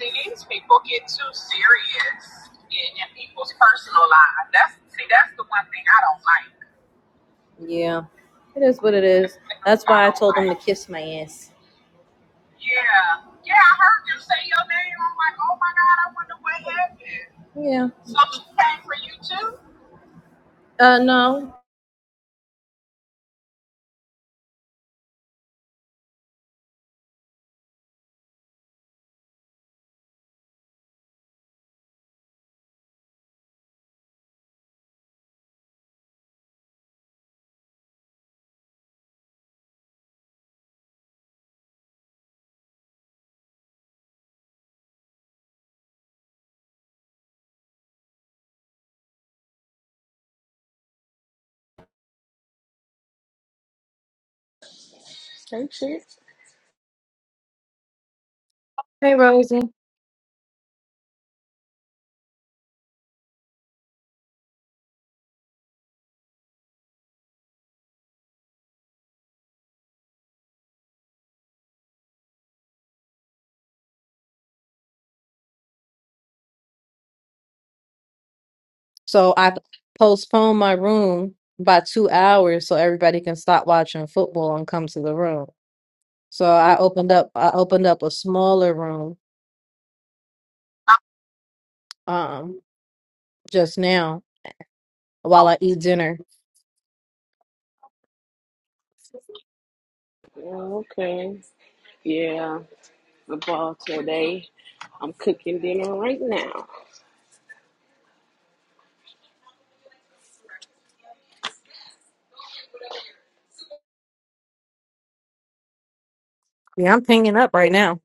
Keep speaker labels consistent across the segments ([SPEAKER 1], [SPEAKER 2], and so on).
[SPEAKER 1] See, these people get too serious in people's personal lives. That's see, that's the one thing I don't like. Yeah, it is what it is. That's why I told them to like. kiss my ass. Yeah, yeah. I heard you say your name. I'm like, oh my god, I wonder what happened. Yeah. So she came for you too. Uh, no.
[SPEAKER 2] Same shit.
[SPEAKER 1] So I postponed my room by two hours so everybody can stop watching football and come to the room. So I opened up. I opened up a smaller room um just now while I eat dinner.
[SPEAKER 2] Okay. Yeah. The ball today. I'm cooking dinner right now.
[SPEAKER 1] Yeah, I'm pinging up right now.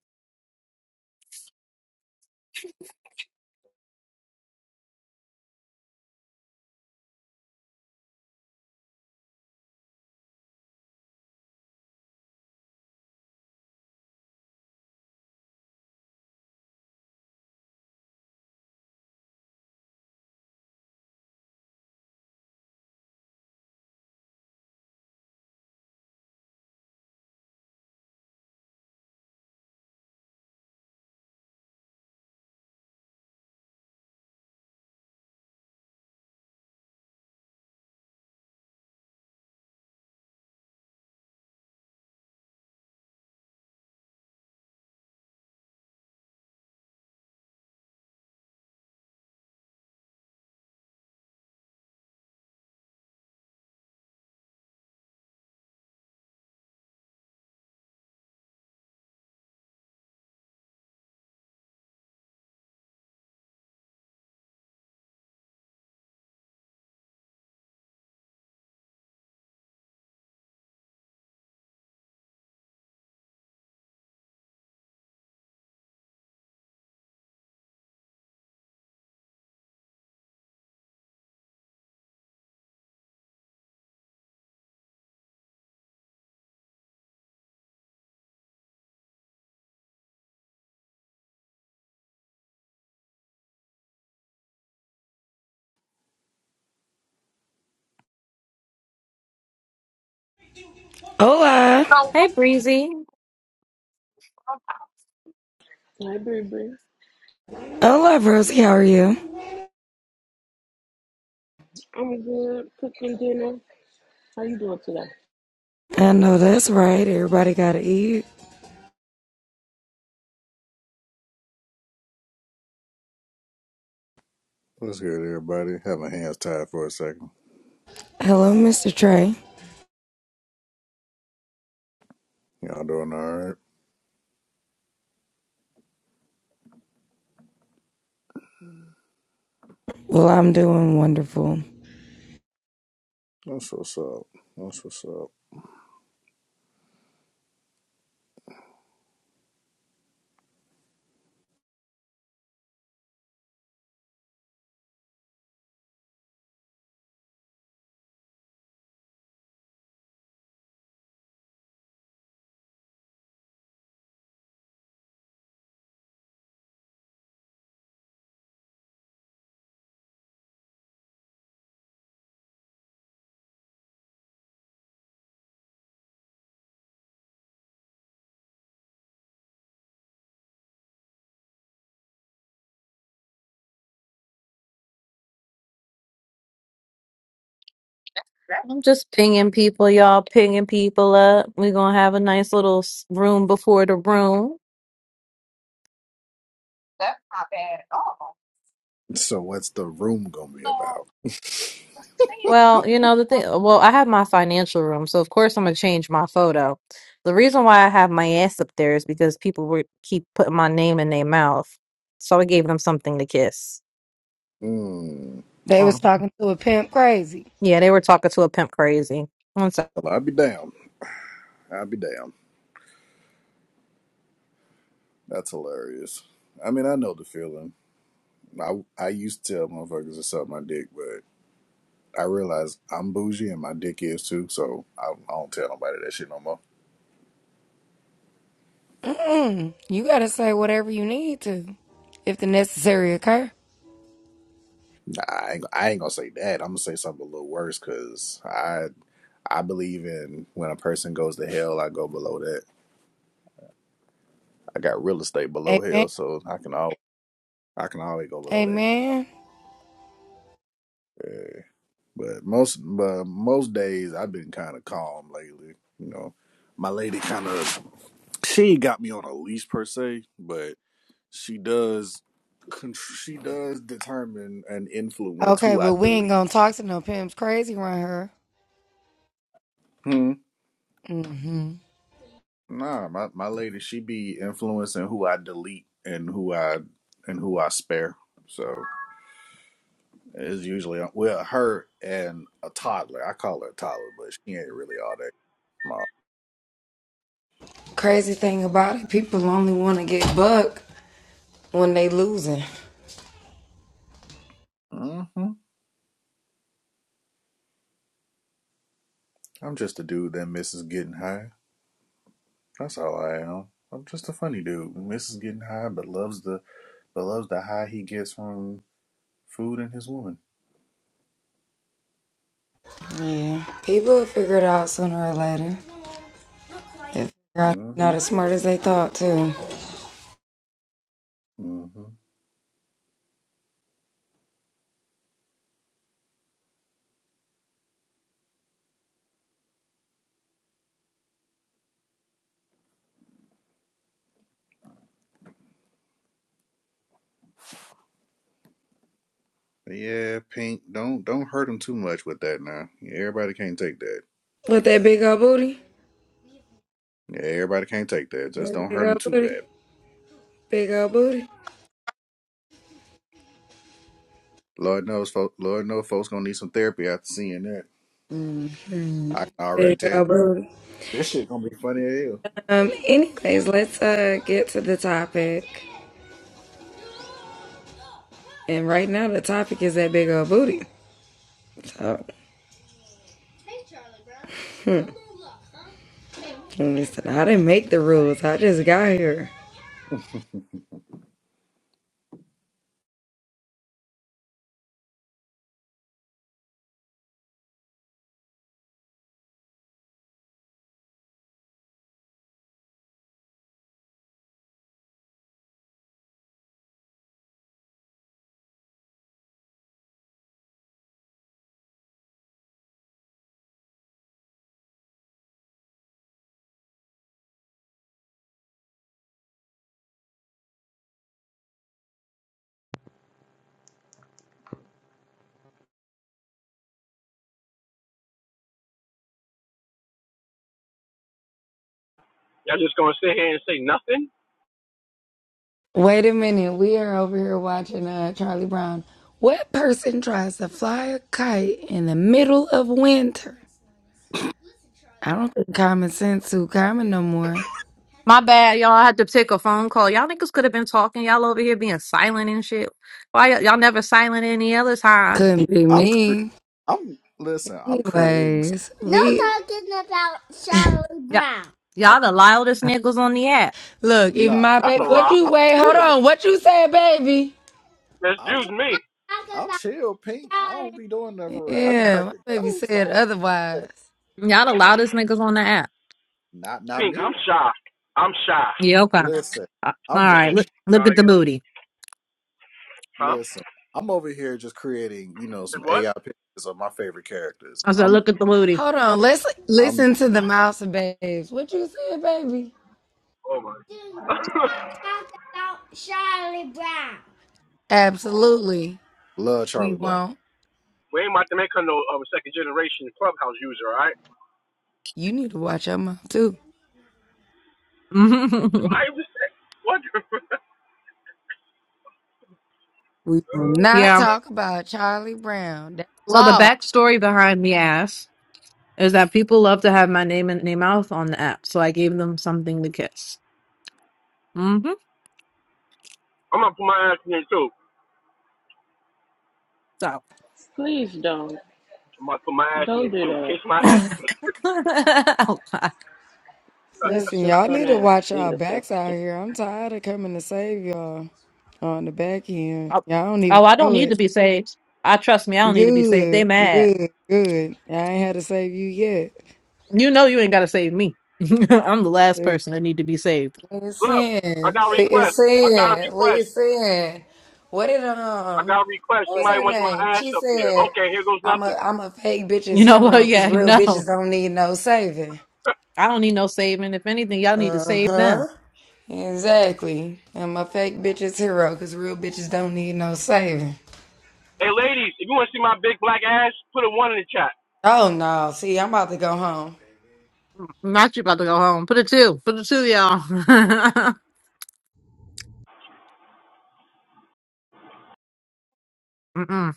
[SPEAKER 3] Hola.
[SPEAKER 1] Hey Breezy.
[SPEAKER 2] Hi, baby.
[SPEAKER 3] Hola, Rosie. How are you?
[SPEAKER 2] I'm good. Cooking dinner. How you doing today?
[SPEAKER 3] I know that's right. Everybody got to eat.
[SPEAKER 4] What's good, everybody? Have my hands tied for a second.
[SPEAKER 3] Hello, Mr. Trey.
[SPEAKER 4] Y'all doing all right?
[SPEAKER 3] Well, I'm doing wonderful.
[SPEAKER 4] That's what's up. That's what's up.
[SPEAKER 1] I'm just pinging people, y'all, pinging people up. We're going to have a nice little s- room before the room.
[SPEAKER 4] So, what's the room gonna be about?
[SPEAKER 1] Well, you know, the thing, well, I have my financial room, so of course I'm going to change my photo. The reason why I have my ass up there is because people were keep putting my name in their mouth. So I gave them something to kiss.
[SPEAKER 4] Hmm.
[SPEAKER 3] They was
[SPEAKER 1] Um,
[SPEAKER 3] talking to a pimp crazy.
[SPEAKER 1] yeah, they were talking to a pimp crazy.
[SPEAKER 4] Well, i I'd be down. i would be down. That's hilarious. I mean, I know the feeling. I I used to tell motherfuckers to suck my dick, but I realize I'm bougie and my dick is too, so I, I don't tell nobody that shit no more.
[SPEAKER 3] Mm-mm. You got to say whatever you need to if the necessary occur.
[SPEAKER 4] Nah, I ain't, I ain't gonna say that. I'm gonna say something a little worse because I I believe in when a person goes to hell, I go below that. I got real estate below hell,
[SPEAKER 3] Amen.
[SPEAKER 4] so I can all I can always go below that.
[SPEAKER 3] Amen.
[SPEAKER 4] Uh, but most but most days I've been kind of calm lately. You know, my lady kind of she ain't got me on a leash per se, but she does she does determine and influence
[SPEAKER 3] Okay,
[SPEAKER 4] who I
[SPEAKER 3] but we ain't
[SPEAKER 4] delete.
[SPEAKER 3] going to talk to no pimps crazy around here.
[SPEAKER 4] Hmm.
[SPEAKER 3] hmm
[SPEAKER 4] Nah, my my lady she be influencing who I delete and who I and who I spare. So. It's usually well, her and a toddler. I call her a toddler, but she ain't really all that small.
[SPEAKER 3] Crazy thing about it, people only want to get buck when they losing.
[SPEAKER 4] hmm I'm just a dude that misses getting high. That's all I am. I'm just a funny dude who misses getting high, but loves the but loves the high he gets from food and his woman.
[SPEAKER 3] Yeah. People will figure it out sooner or later. They're
[SPEAKER 4] Mm hmm
[SPEAKER 3] not as smart as they thought, too.
[SPEAKER 4] Mm hmm Yeah, Pink. Don't don't hurt him too much with that now. Yeah, Everybody can't take that.
[SPEAKER 3] But that big old booty.
[SPEAKER 4] Yeah, everybody can't take that. Just
[SPEAKER 3] That
[SPEAKER 4] don't
[SPEAKER 3] big
[SPEAKER 4] hurt him
[SPEAKER 3] old
[SPEAKER 4] too
[SPEAKER 3] booty.
[SPEAKER 4] bad.
[SPEAKER 3] Big old booty.
[SPEAKER 4] Lord knows, folk, Lord knows, folks gonna need some therapy after seeing that. I can already
[SPEAKER 3] Big
[SPEAKER 4] tell you.
[SPEAKER 3] old booty.
[SPEAKER 4] This shit gonna be funny as hell.
[SPEAKER 3] Um, anyways, let's uh get to the topic. And right now the topic is that big old booty. So hmm, listen, I didn't make the rules. I just got here.
[SPEAKER 5] Y'all just gonna sit here and say nothing?
[SPEAKER 3] Wait a minute, we are over here watching uh Charlie Brown. What person tries to fly a kite in the middle of winter? I don't think common sense too common no more.
[SPEAKER 1] My bad, y'all. I had to pick a phone call. Y'all niggas could have been talking. Y'all over here being silent and shit. Why y- y'all never silent any other time?
[SPEAKER 3] Couldn't be
[SPEAKER 4] I'm, cre-
[SPEAKER 3] me.
[SPEAKER 4] I'm listen. I'm creating something.
[SPEAKER 3] Anyways, we
[SPEAKER 1] Yeah,
[SPEAKER 4] I'm,
[SPEAKER 1] y'all the loudest niggas on the app.
[SPEAKER 3] look. Even
[SPEAKER 4] nah,
[SPEAKER 3] my
[SPEAKER 4] I'm
[SPEAKER 5] That's
[SPEAKER 3] baby,
[SPEAKER 5] a
[SPEAKER 4] not.
[SPEAKER 3] What
[SPEAKER 5] lie.
[SPEAKER 3] you
[SPEAKER 4] I'm
[SPEAKER 3] wait? Hold
[SPEAKER 4] chill.
[SPEAKER 3] on. What you said, baby?
[SPEAKER 4] I'm,
[SPEAKER 5] Excuse me,
[SPEAKER 4] I'm chill. Pink. I don't be doing nothing for real. I be
[SPEAKER 3] yeah, my
[SPEAKER 4] cracking
[SPEAKER 3] baby
[SPEAKER 4] jokes. I
[SPEAKER 3] said
[SPEAKER 4] don't do that,
[SPEAKER 3] otherwise.
[SPEAKER 1] Y'all the
[SPEAKER 4] man.
[SPEAKER 1] loudest niggas on the app.
[SPEAKER 4] Not, not
[SPEAKER 5] Pink.
[SPEAKER 4] me.
[SPEAKER 5] I'm shy. I'm shy.
[SPEAKER 1] Yeah, okay.
[SPEAKER 4] Listen,
[SPEAKER 1] Uh, All
[SPEAKER 4] I'm
[SPEAKER 1] right.
[SPEAKER 4] very. sh-
[SPEAKER 1] Look, look at
[SPEAKER 5] God,
[SPEAKER 1] the
[SPEAKER 5] yeah.
[SPEAKER 1] booty.
[SPEAKER 5] Huh?
[SPEAKER 4] Listen, I'm over here just creating. You know, some
[SPEAKER 5] And what?
[SPEAKER 4] AI pictures of my favorite characters.
[SPEAKER 1] I said,
[SPEAKER 4] I'm,
[SPEAKER 1] look at the booty.
[SPEAKER 3] Hold on, let's
[SPEAKER 4] I'm
[SPEAKER 3] listen to the mouse and babes. What you said, baby?
[SPEAKER 5] Oh my.
[SPEAKER 3] Absolutely,
[SPEAKER 4] love
[SPEAKER 3] we
[SPEAKER 4] Charlie Brown.
[SPEAKER 3] won't.
[SPEAKER 5] we ain't about to make her no um, second generation clubhouse user, all right?
[SPEAKER 3] You need to watch your mouth too.
[SPEAKER 5] I was what?
[SPEAKER 3] We will
[SPEAKER 5] oh
[SPEAKER 3] not
[SPEAKER 1] yeah.
[SPEAKER 5] shit.
[SPEAKER 3] talk about Charlie Brown. That's
[SPEAKER 1] So the
[SPEAKER 3] law.
[SPEAKER 1] backstory behind me ass is that people love to have my name in their mouth on the app, so I gave them something to kiss. Mm-hmm.
[SPEAKER 5] I'm gonna put my ass in it too.
[SPEAKER 1] So.
[SPEAKER 2] Please don't.
[SPEAKER 5] I'm gonna put my ass in
[SPEAKER 2] Don't
[SPEAKER 5] it
[SPEAKER 2] do
[SPEAKER 5] too.
[SPEAKER 2] that.
[SPEAKER 5] Kiss my ass.
[SPEAKER 2] That's
[SPEAKER 3] Listen,
[SPEAKER 2] just
[SPEAKER 3] y'all
[SPEAKER 2] so
[SPEAKER 3] need to watch
[SPEAKER 2] nasty and
[SPEAKER 3] y'all backs out
[SPEAKER 2] disgusting.
[SPEAKER 3] here. I'm tired of coming to save y'all on the back end.
[SPEAKER 1] I-
[SPEAKER 3] Y'all don't even
[SPEAKER 1] Oh, I don't
[SPEAKER 3] know
[SPEAKER 1] need
[SPEAKER 3] it.
[SPEAKER 1] to be saved. I trust me, I don't need to be saved. They
[SPEAKER 3] Good,
[SPEAKER 1] mad.
[SPEAKER 3] good, good. I ain't had to save you yet.
[SPEAKER 1] You know you ain't gotta save me. I'm the last
[SPEAKER 3] Dude.
[SPEAKER 1] person that need to be saved.
[SPEAKER 5] Look, I
[SPEAKER 3] Listen,
[SPEAKER 5] got a request. I got a
[SPEAKER 3] listen,
[SPEAKER 5] request.
[SPEAKER 3] listen. What did
[SPEAKER 5] I
[SPEAKER 3] um,
[SPEAKER 5] got a request.
[SPEAKER 3] what was
[SPEAKER 5] Somebody
[SPEAKER 3] her
[SPEAKER 5] wants my
[SPEAKER 3] name?
[SPEAKER 5] ass
[SPEAKER 3] She
[SPEAKER 5] up there.
[SPEAKER 3] said,
[SPEAKER 5] Okay, here goes
[SPEAKER 3] "I'm a
[SPEAKER 5] nothing.
[SPEAKER 3] I'm a fake bitch's
[SPEAKER 1] You know what?
[SPEAKER 3] hero because
[SPEAKER 1] Yeah,
[SPEAKER 3] real bitches
[SPEAKER 1] no.
[SPEAKER 3] don't need no saving."
[SPEAKER 1] I don't need no saving. If anything, y'all need to
[SPEAKER 3] Uh
[SPEAKER 1] save them.
[SPEAKER 3] huh. Exactly. And my fake bitch is hero because real bitches don't need no saving.
[SPEAKER 5] hey, ladies, if you want to see my big black ass, put a one in the chat.
[SPEAKER 3] Oh no. See, I'm about to go home.
[SPEAKER 1] Not you about to go home. Put it two. Put it two, y'all. Mm-mm.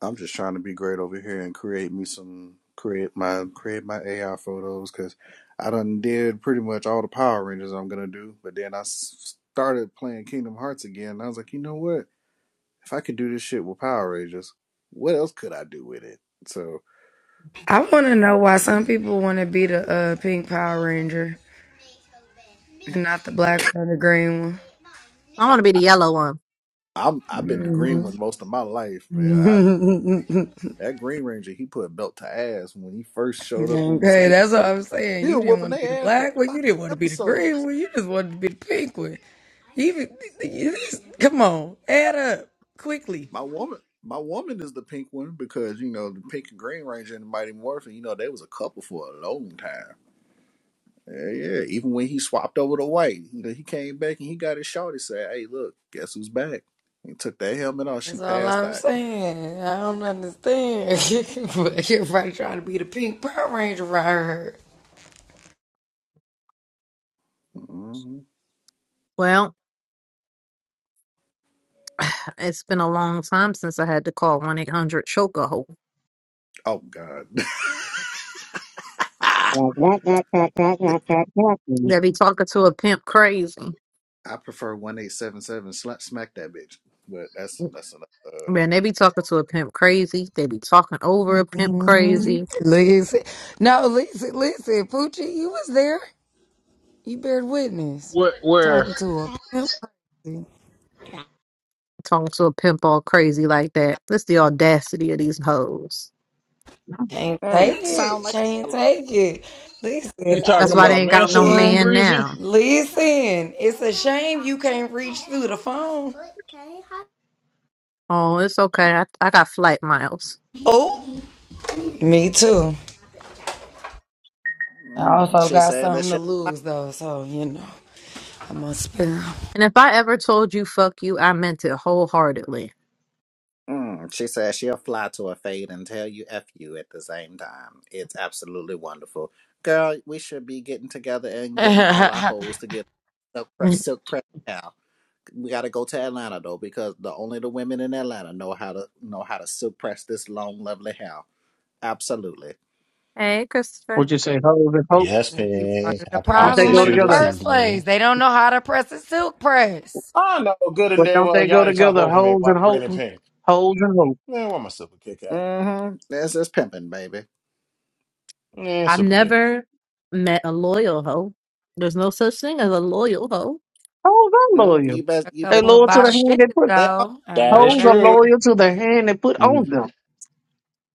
[SPEAKER 4] I'm just trying to be great over here and create me some create my create my AI photos because I done did pretty much all the Power Rangers I'm gonna do. But then I started playing Kingdom Hearts again. And I was like, you know what? If I could do this shit with Power Rangers, what else could I do with it? So
[SPEAKER 3] I want to know why some
[SPEAKER 4] mm,
[SPEAKER 3] people want to be the uh, pink Power Ranger and not the black or the green
[SPEAKER 1] I
[SPEAKER 4] I,
[SPEAKER 1] want to be the yellow one.
[SPEAKER 4] I'm I've been the green
[SPEAKER 3] one. hmm
[SPEAKER 4] one most of my life, man. I that Green Ranger he put a belt to ass when he first showed up on the
[SPEAKER 3] okay,
[SPEAKER 4] scene.
[SPEAKER 3] that's what I'm
[SPEAKER 4] He
[SPEAKER 3] saying. You
[SPEAKER 4] was
[SPEAKER 3] didn't
[SPEAKER 4] whooping
[SPEAKER 3] want to be the
[SPEAKER 4] their ass for
[SPEAKER 3] black one.
[SPEAKER 4] five
[SPEAKER 3] You didn't want to be the
[SPEAKER 4] episodes.
[SPEAKER 3] green one. You just wanted to be the pink one. Even come on, add up quickly.
[SPEAKER 4] My woman, my woman is the pink one because you know the pink and green ranger and the Mighty Morphin. You know they was a couple for a long time. Yeah, yeah. Even when he swapped over to white, you know he came back and he got his shorty. Said, "Hey, look, guess who's back?" He took that helmet off. She
[SPEAKER 3] That's all
[SPEAKER 4] passed
[SPEAKER 3] I'm
[SPEAKER 4] out.
[SPEAKER 3] saying. I don't understand. but everybody trying to be the pink Power Ranger around here.
[SPEAKER 4] hmm
[SPEAKER 1] Well, it's been a long time since I had to call 1 800 Chokehold.
[SPEAKER 4] Oh God. I
[SPEAKER 6] Would
[SPEAKER 1] They be talking to a pimp crazy.
[SPEAKER 4] prefer one eight seven seven. Smack that bitch. But that's that's another.
[SPEAKER 1] Man, they be talking to a pimp crazy. They be talking over a pimp
[SPEAKER 3] Mhm.
[SPEAKER 1] crazy
[SPEAKER 3] Listen, no, listen, listen, Poochie, you was there. You bear witness
[SPEAKER 7] Where, where
[SPEAKER 3] talking to a pimp.
[SPEAKER 1] Talk to a pimp all crazy like that. That's the audacity of these hoes.
[SPEAKER 3] Can't
[SPEAKER 4] Uh,
[SPEAKER 3] take
[SPEAKER 4] mm, sound
[SPEAKER 3] it.
[SPEAKER 4] like a
[SPEAKER 3] Can't take it. Listen,
[SPEAKER 7] you talking
[SPEAKER 1] That's why
[SPEAKER 3] I-
[SPEAKER 7] about
[SPEAKER 1] they ain't got
[SPEAKER 7] Mansion
[SPEAKER 1] no
[SPEAKER 7] Room,
[SPEAKER 1] man
[SPEAKER 3] listen,
[SPEAKER 7] Breezy?
[SPEAKER 1] now.
[SPEAKER 3] listen. It's a shame you can't reach through the phone.
[SPEAKER 1] Oh, it's okay. I, I got flight miles.
[SPEAKER 3] Oh, me too. I
[SPEAKER 4] Mm,
[SPEAKER 3] also
[SPEAKER 4] she
[SPEAKER 3] got
[SPEAKER 4] said that.
[SPEAKER 3] something
[SPEAKER 4] she.
[SPEAKER 3] to lose though, so you know I'm gonna spare them.
[SPEAKER 1] And if I ever told you fuck you, I meant it wholeheartedly.
[SPEAKER 4] Mm, she says she'll fly to a fade and tell you F you at the same time. It's absolutely wonderful. Girl, we should be getting together and getting all our hoes to get Silk, pre- silk press now. We gotta go to Atlanta though, because the only the women in Atlanta know how to know how to silk press this long, lovely hair. Absolutely.
[SPEAKER 1] hey, Christopher.
[SPEAKER 6] you say hoes and hope?
[SPEAKER 8] Yes,
[SPEAKER 3] they be part
[SPEAKER 8] Pig.
[SPEAKER 3] of the
[SPEAKER 8] How can I
[SPEAKER 6] Don't they
[SPEAKER 3] problem
[SPEAKER 6] go
[SPEAKER 8] assist
[SPEAKER 3] in
[SPEAKER 8] you
[SPEAKER 3] the
[SPEAKER 8] this
[SPEAKER 6] together?
[SPEAKER 3] first place.
[SPEAKER 8] evening?
[SPEAKER 3] They don't know how to press a silk press.
[SPEAKER 8] I know good and
[SPEAKER 6] But
[SPEAKER 8] damn
[SPEAKER 6] don't
[SPEAKER 8] well
[SPEAKER 6] they go
[SPEAKER 8] y'all ain't talk
[SPEAKER 6] together?
[SPEAKER 8] over me
[SPEAKER 6] Hoes
[SPEAKER 8] while
[SPEAKER 6] and
[SPEAKER 8] I'm
[SPEAKER 6] hope.
[SPEAKER 8] grinning pink.
[SPEAKER 6] Hoes and hope.
[SPEAKER 8] Man, where my super kick at?
[SPEAKER 4] Mm-hmm. This is pimping, baby.
[SPEAKER 8] Man,
[SPEAKER 1] I've
[SPEAKER 8] super kick.
[SPEAKER 1] never met a loyal hoe. There's no such thing as a loyal hoe.
[SPEAKER 6] Hoes are
[SPEAKER 4] Mm, you
[SPEAKER 6] loyal.
[SPEAKER 4] best
[SPEAKER 3] A
[SPEAKER 4] you
[SPEAKER 6] They
[SPEAKER 4] best
[SPEAKER 3] couple of
[SPEAKER 6] loyal to the
[SPEAKER 3] bottom
[SPEAKER 6] hand
[SPEAKER 3] bitches
[SPEAKER 6] they put.
[SPEAKER 4] they are
[SPEAKER 3] though, I
[SPEAKER 8] That is
[SPEAKER 3] know
[SPEAKER 6] Hoes are
[SPEAKER 3] that.
[SPEAKER 8] true.
[SPEAKER 6] loyal to the hand they put
[SPEAKER 8] Mm.
[SPEAKER 6] on them.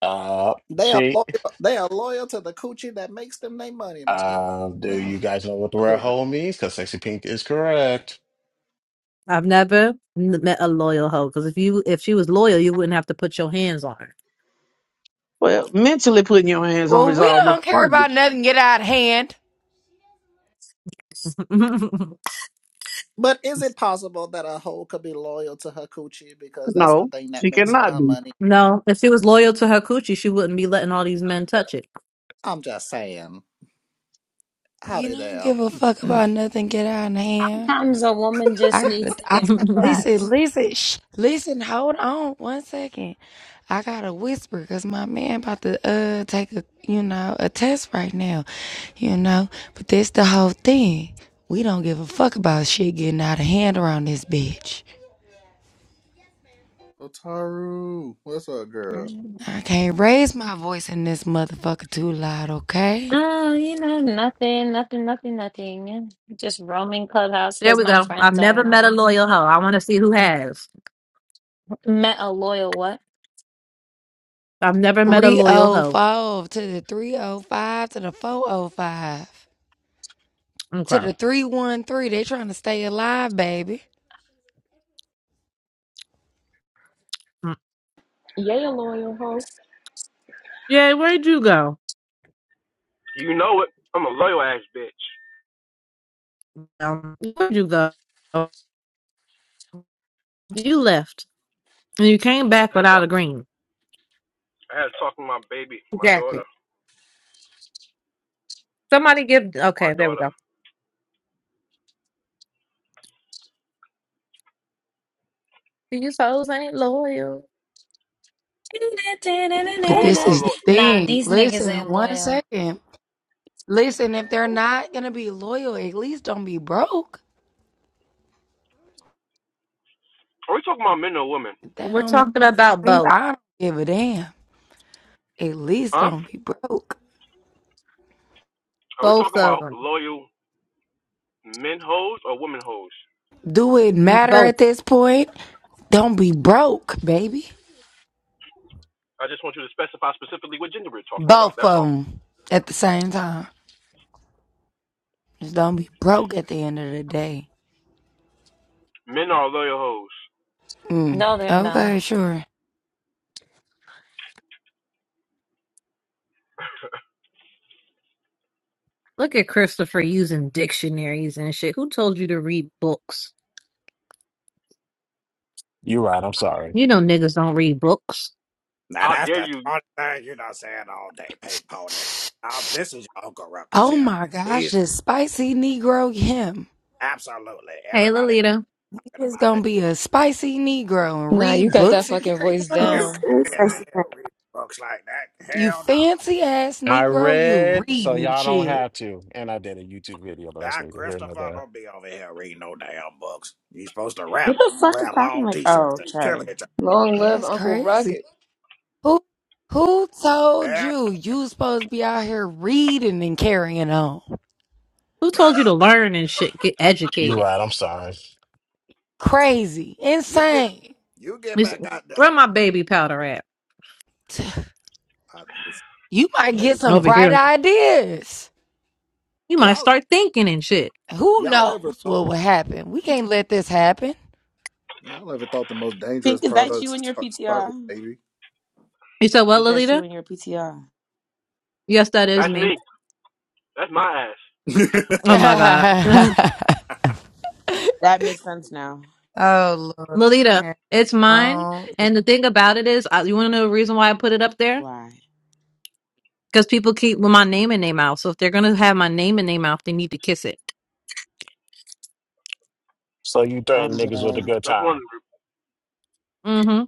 [SPEAKER 8] Uh,
[SPEAKER 4] they are
[SPEAKER 8] she.
[SPEAKER 4] loyal they are loyal to the coochie that makes them their money, boo boo.
[SPEAKER 8] Uh, do
[SPEAKER 4] Mm,
[SPEAKER 8] you guys know what the word
[SPEAKER 4] Absolutely.
[SPEAKER 8] hole means? Because sexy pink is correct.
[SPEAKER 1] I've never n- met a loyal hoe because if you if she was loyal, you wouldn't have to put your hands on her.
[SPEAKER 6] Well, mentally putting your hands on
[SPEAKER 3] Well,
[SPEAKER 6] is
[SPEAKER 3] we
[SPEAKER 6] almost
[SPEAKER 3] don't care
[SPEAKER 6] fine.
[SPEAKER 3] about nothing get out of hand.
[SPEAKER 4] But is it possible that a hoe could be loyal to her coochie because that's the
[SPEAKER 6] No,
[SPEAKER 4] thing that
[SPEAKER 6] she
[SPEAKER 4] makes her
[SPEAKER 6] cannot
[SPEAKER 4] her
[SPEAKER 6] be.
[SPEAKER 4] money?
[SPEAKER 1] no, if she was loyal to her coochie, she wouldn't be letting all these men touch it.
[SPEAKER 4] I'm just saying.
[SPEAKER 3] We
[SPEAKER 4] Howdy
[SPEAKER 3] don't
[SPEAKER 4] there.
[SPEAKER 3] give a fuck about nothing get out of hand.
[SPEAKER 9] Sometimes a woman just
[SPEAKER 3] I gotta,
[SPEAKER 9] needs to
[SPEAKER 3] I
[SPEAKER 9] get
[SPEAKER 3] gotta listen,
[SPEAKER 9] cracked.
[SPEAKER 3] listen, shh, listen, hold on one second. I gotta whisper because my man about to uh take a you know a test right now, you know. But that's the whole thing. We don't give a fuck about shit getting out of hand around this bitch.
[SPEAKER 4] Otaru, what's up, girl?
[SPEAKER 9] Mhm.
[SPEAKER 3] I can't raise my voice in this motherfucker too loud, okay?
[SPEAKER 9] Oh, you know, nothing, nothing, nothing, nothing. Just roaming clubhouse
[SPEAKER 1] There
[SPEAKER 9] because
[SPEAKER 1] we
[SPEAKER 9] my
[SPEAKER 1] go. I've
[SPEAKER 9] friends
[SPEAKER 1] never
[SPEAKER 9] aren't
[SPEAKER 1] met a
[SPEAKER 9] on.
[SPEAKER 1] loyal hoe. I want to see who has.
[SPEAKER 9] Met a loyal what?
[SPEAKER 1] I've never met a loyal hoe.
[SPEAKER 3] 304 to the 305 to the 405 to
[SPEAKER 1] Okay.
[SPEAKER 3] the 313. They trying to stay alive, baby.
[SPEAKER 1] Mm.
[SPEAKER 2] Yeah, loyal hoe.
[SPEAKER 1] Yeah, where'd you go?
[SPEAKER 5] You know it. I'm a loyal ass bitch.
[SPEAKER 1] Um, where'd you go? You left and you came back
[SPEAKER 5] I had to
[SPEAKER 1] without
[SPEAKER 5] talk,
[SPEAKER 1] a green
[SPEAKER 5] I had to talk to my baby, my daughter,
[SPEAKER 1] jacket. Somebody give.
[SPEAKER 5] my
[SPEAKER 1] Okay, there we
[SPEAKER 5] daughter.
[SPEAKER 1] go. These hoes ain't loyal.
[SPEAKER 3] But
[SPEAKER 5] Hoes
[SPEAKER 3] this
[SPEAKER 5] are
[SPEAKER 3] is the
[SPEAKER 5] loyal.
[SPEAKER 9] Nah,
[SPEAKER 3] thing.
[SPEAKER 9] these niggas
[SPEAKER 3] Listen,
[SPEAKER 9] ain't
[SPEAKER 3] one
[SPEAKER 9] loyal.
[SPEAKER 3] second. Listen, if they're not gonna be loyal, at least don't be broke.
[SPEAKER 5] Are we talking about men or women?
[SPEAKER 3] That
[SPEAKER 1] We're
[SPEAKER 3] don't make
[SPEAKER 1] talking about
[SPEAKER 3] sense.
[SPEAKER 1] both.
[SPEAKER 3] I don't give a damn. At least
[SPEAKER 5] Huh?
[SPEAKER 3] don't be broke.
[SPEAKER 5] Are we
[SPEAKER 1] Both
[SPEAKER 5] talking
[SPEAKER 1] of
[SPEAKER 5] about
[SPEAKER 1] them.
[SPEAKER 5] loyal men hoes or women hoes?
[SPEAKER 3] Do it
[SPEAKER 1] Mm,
[SPEAKER 3] matter
[SPEAKER 1] Both.
[SPEAKER 3] at this point? Don't be broke, baby.
[SPEAKER 5] I just want you to specify specifically what gender we're talking about.
[SPEAKER 3] Both
[SPEAKER 5] That's
[SPEAKER 3] of
[SPEAKER 5] all.
[SPEAKER 3] them at the same time. Just don't be broke at the end of the day.
[SPEAKER 5] Men are loyal hoes.
[SPEAKER 3] Mm.
[SPEAKER 9] No, they're not.
[SPEAKER 3] Okay, sure.
[SPEAKER 1] Look at Christopher using dictionaries and shit. Who told you to read books?
[SPEAKER 8] You're right. I'm sorry.
[SPEAKER 1] You know niggas don't read books.
[SPEAKER 4] Now
[SPEAKER 5] How
[SPEAKER 4] that's
[SPEAKER 5] dare
[SPEAKER 4] the
[SPEAKER 5] you?
[SPEAKER 4] only thing you're not saying all day, Pink Pony. Um, this is your Uncle Ruckus
[SPEAKER 3] Oh
[SPEAKER 4] here.
[SPEAKER 3] my gosh,
[SPEAKER 4] He's
[SPEAKER 3] this spicy Negro him.
[SPEAKER 4] absolutely
[SPEAKER 1] Hey,
[SPEAKER 4] everybody
[SPEAKER 1] Lolita.
[SPEAKER 3] He
[SPEAKER 4] talking
[SPEAKER 3] is
[SPEAKER 4] about
[SPEAKER 3] gonna be a spicy Negro and
[SPEAKER 10] Nah, you
[SPEAKER 3] read
[SPEAKER 4] this.
[SPEAKER 10] got that
[SPEAKER 3] books
[SPEAKER 4] You
[SPEAKER 3] and
[SPEAKER 10] fucking
[SPEAKER 3] carry
[SPEAKER 10] voice
[SPEAKER 3] on.
[SPEAKER 4] you
[SPEAKER 11] It's,
[SPEAKER 10] down.
[SPEAKER 4] can't
[SPEAKER 11] it's
[SPEAKER 4] be out
[SPEAKER 11] actually
[SPEAKER 4] here
[SPEAKER 11] pink.
[SPEAKER 4] reading books like that.
[SPEAKER 3] You
[SPEAKER 4] Hell no.
[SPEAKER 3] fancy ass
[SPEAKER 8] I
[SPEAKER 3] Negro, you
[SPEAKER 8] read, so
[SPEAKER 3] reading
[SPEAKER 8] y'all don't
[SPEAKER 3] shit.
[SPEAKER 8] have to. And I did a YouTube video, but that's
[SPEAKER 4] That
[SPEAKER 8] neither here nor
[SPEAKER 4] Christopher
[SPEAKER 8] there.
[SPEAKER 4] don't be over here reading no damn books. You supposed to rap,
[SPEAKER 11] What the fuck is
[SPEAKER 4] wear
[SPEAKER 11] talking
[SPEAKER 4] long
[SPEAKER 11] like?
[SPEAKER 4] t-shirts,
[SPEAKER 11] Oh,
[SPEAKER 4] and kill
[SPEAKER 11] okay.
[SPEAKER 4] it.
[SPEAKER 10] Long live
[SPEAKER 3] That's
[SPEAKER 10] Uncle
[SPEAKER 3] crazy.
[SPEAKER 10] Rocket.
[SPEAKER 3] Who who told
[SPEAKER 4] And
[SPEAKER 3] you you was supposed to be out here reading and carrying on?
[SPEAKER 1] Who told you to learn and shit? Get
[SPEAKER 8] You're
[SPEAKER 1] educated.
[SPEAKER 8] right. I'm sorry.
[SPEAKER 3] Crazy.
[SPEAKER 4] you get
[SPEAKER 3] Insane.
[SPEAKER 4] you get
[SPEAKER 1] It's,
[SPEAKER 4] back out there.
[SPEAKER 1] where
[SPEAKER 4] Um,
[SPEAKER 1] my baby powder at?
[SPEAKER 4] I, this
[SPEAKER 3] You might
[SPEAKER 4] baby
[SPEAKER 3] get some
[SPEAKER 1] Over
[SPEAKER 4] powder.
[SPEAKER 3] bright
[SPEAKER 1] here.
[SPEAKER 3] ideas.
[SPEAKER 1] You might
[SPEAKER 4] Y'all
[SPEAKER 1] start thinking and shit.
[SPEAKER 3] Who
[SPEAKER 4] y'all ever
[SPEAKER 3] knows
[SPEAKER 4] thought
[SPEAKER 3] what will happen? We can't let this happen.
[SPEAKER 4] y'all ever thought the most dangerous
[SPEAKER 11] Pink, is that
[SPEAKER 4] products
[SPEAKER 11] you in your
[SPEAKER 4] start, start with
[SPEAKER 11] PTR?
[SPEAKER 4] baby?
[SPEAKER 1] You said, what,
[SPEAKER 11] Is that you
[SPEAKER 1] Lolita?
[SPEAKER 11] in your PTR?
[SPEAKER 1] Yes, that is
[SPEAKER 5] That's
[SPEAKER 1] me.
[SPEAKER 5] me. That's my ass.
[SPEAKER 1] Oh my God.
[SPEAKER 3] oh
[SPEAKER 11] That makes sense now.
[SPEAKER 3] Lord.
[SPEAKER 1] Lolita,
[SPEAKER 3] That's
[SPEAKER 1] it's mine.
[SPEAKER 3] wrong. If
[SPEAKER 1] And the thing about it is, I, you want to know the reason why I put it up there?
[SPEAKER 11] Why?
[SPEAKER 1] Because people keep with my name and name out. So if they're going to have my name and name out, they need to kiss it.
[SPEAKER 8] So you threaten
[SPEAKER 11] I'm
[SPEAKER 8] niggas with a
[SPEAKER 11] dead.
[SPEAKER 8] good
[SPEAKER 5] That's one
[SPEAKER 8] time
[SPEAKER 5] of the group.
[SPEAKER 1] Mm-hmm.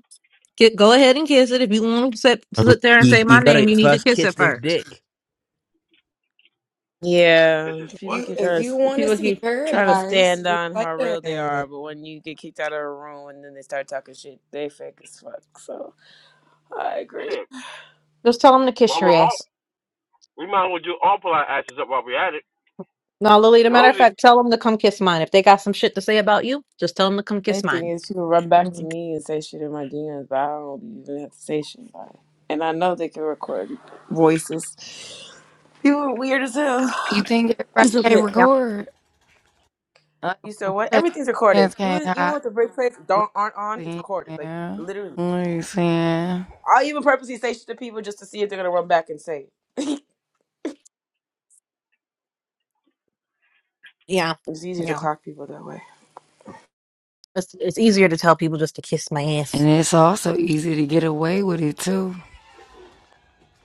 [SPEAKER 1] Get, go ahead and kiss it. If you want to sit,
[SPEAKER 12] Um,
[SPEAKER 1] sit there and
[SPEAKER 12] You,
[SPEAKER 1] say
[SPEAKER 12] you
[SPEAKER 1] my
[SPEAKER 12] gotta
[SPEAKER 1] name, you need to
[SPEAKER 12] first
[SPEAKER 1] kiss
[SPEAKER 12] kiss
[SPEAKER 1] it
[SPEAKER 12] this
[SPEAKER 1] first.
[SPEAKER 12] dick.
[SPEAKER 11] Yeah,
[SPEAKER 5] This is what?
[SPEAKER 11] people
[SPEAKER 3] you
[SPEAKER 11] keep
[SPEAKER 3] if
[SPEAKER 11] trying
[SPEAKER 3] you
[SPEAKER 11] to,
[SPEAKER 3] want to
[SPEAKER 11] people
[SPEAKER 3] see
[SPEAKER 11] keep trying to
[SPEAKER 3] paradise,
[SPEAKER 11] stand
[SPEAKER 3] just
[SPEAKER 11] on
[SPEAKER 3] like
[SPEAKER 11] how real they
[SPEAKER 3] that.
[SPEAKER 11] are, but when you get kicked out of a room and then they start talking shit, they fake as fuck. So I agree.
[SPEAKER 5] Shit.
[SPEAKER 1] Just tell them to kiss
[SPEAKER 5] While
[SPEAKER 1] your
[SPEAKER 5] we're all,
[SPEAKER 1] ass.
[SPEAKER 5] we might as well do all pull our asses up while we're at it.
[SPEAKER 1] No, Lolita, matter of
[SPEAKER 5] Rosie.
[SPEAKER 1] fact, tell them to come kiss mine. If they got some shit to say about you, just tell them to come kiss
[SPEAKER 11] Main thing
[SPEAKER 1] mine.
[SPEAKER 11] is people run back to me and say shit in my DMs, but I don't even have to say shit. Like, and I know they can record voices. You were weird as hell.
[SPEAKER 3] You think everybody
[SPEAKER 11] It's
[SPEAKER 3] can
[SPEAKER 11] okay.
[SPEAKER 1] Yeah.
[SPEAKER 3] record?
[SPEAKER 11] You said what?
[SPEAKER 3] Check
[SPEAKER 11] Everything's recorded.
[SPEAKER 3] hands can't
[SPEAKER 11] Even even
[SPEAKER 3] hide.
[SPEAKER 11] with the break replays don't aren't on, it's
[SPEAKER 3] Listen,
[SPEAKER 11] recorded. Like literally.
[SPEAKER 3] listen, and
[SPEAKER 11] I'll even purposely say shit to people just to see if they're gonna run back and say it.
[SPEAKER 1] Yeah.
[SPEAKER 11] It's easier to
[SPEAKER 1] Yeah.
[SPEAKER 11] clock people that way.
[SPEAKER 1] It's it's easier to tell people just to kiss my ass.
[SPEAKER 3] it's also easy to get away with it too.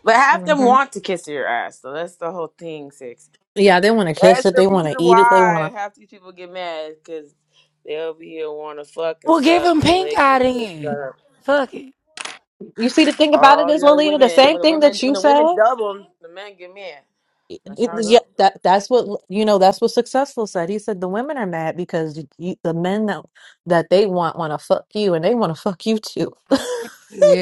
[SPEAKER 11] But half them
[SPEAKER 1] hmm
[SPEAKER 11] want to kiss your ass, so that's the whole thing, six.
[SPEAKER 1] Yeah, they want to kiss
[SPEAKER 11] That's
[SPEAKER 1] it.
[SPEAKER 11] the
[SPEAKER 1] They want
[SPEAKER 11] reason
[SPEAKER 1] to eat it. They
[SPEAKER 11] why
[SPEAKER 1] want to.
[SPEAKER 11] half these people get mad, because they'll be here wanna fuck and
[SPEAKER 3] Well, give
[SPEAKER 11] suck
[SPEAKER 3] him
[SPEAKER 11] and
[SPEAKER 3] pink
[SPEAKER 11] lick
[SPEAKER 3] eye
[SPEAKER 11] and kiss
[SPEAKER 3] then.
[SPEAKER 11] and
[SPEAKER 3] Fuck it.
[SPEAKER 1] You see, the thing about it
[SPEAKER 11] all
[SPEAKER 1] is,
[SPEAKER 11] the other
[SPEAKER 1] Lolita, the
[SPEAKER 11] women. And
[SPEAKER 1] same
[SPEAKER 11] when the
[SPEAKER 1] thing
[SPEAKER 11] women
[SPEAKER 1] that
[SPEAKER 11] when
[SPEAKER 1] you
[SPEAKER 11] the
[SPEAKER 1] said.
[SPEAKER 11] women double, the men get mad.
[SPEAKER 1] It,
[SPEAKER 11] That's
[SPEAKER 1] it-
[SPEAKER 11] how it goes.
[SPEAKER 1] yeah, that that's what you know. That's what successful said. He said the women are mad because you, you, the men that that they want want to fuck you, and they want to fuck you too.
[SPEAKER 3] I can't.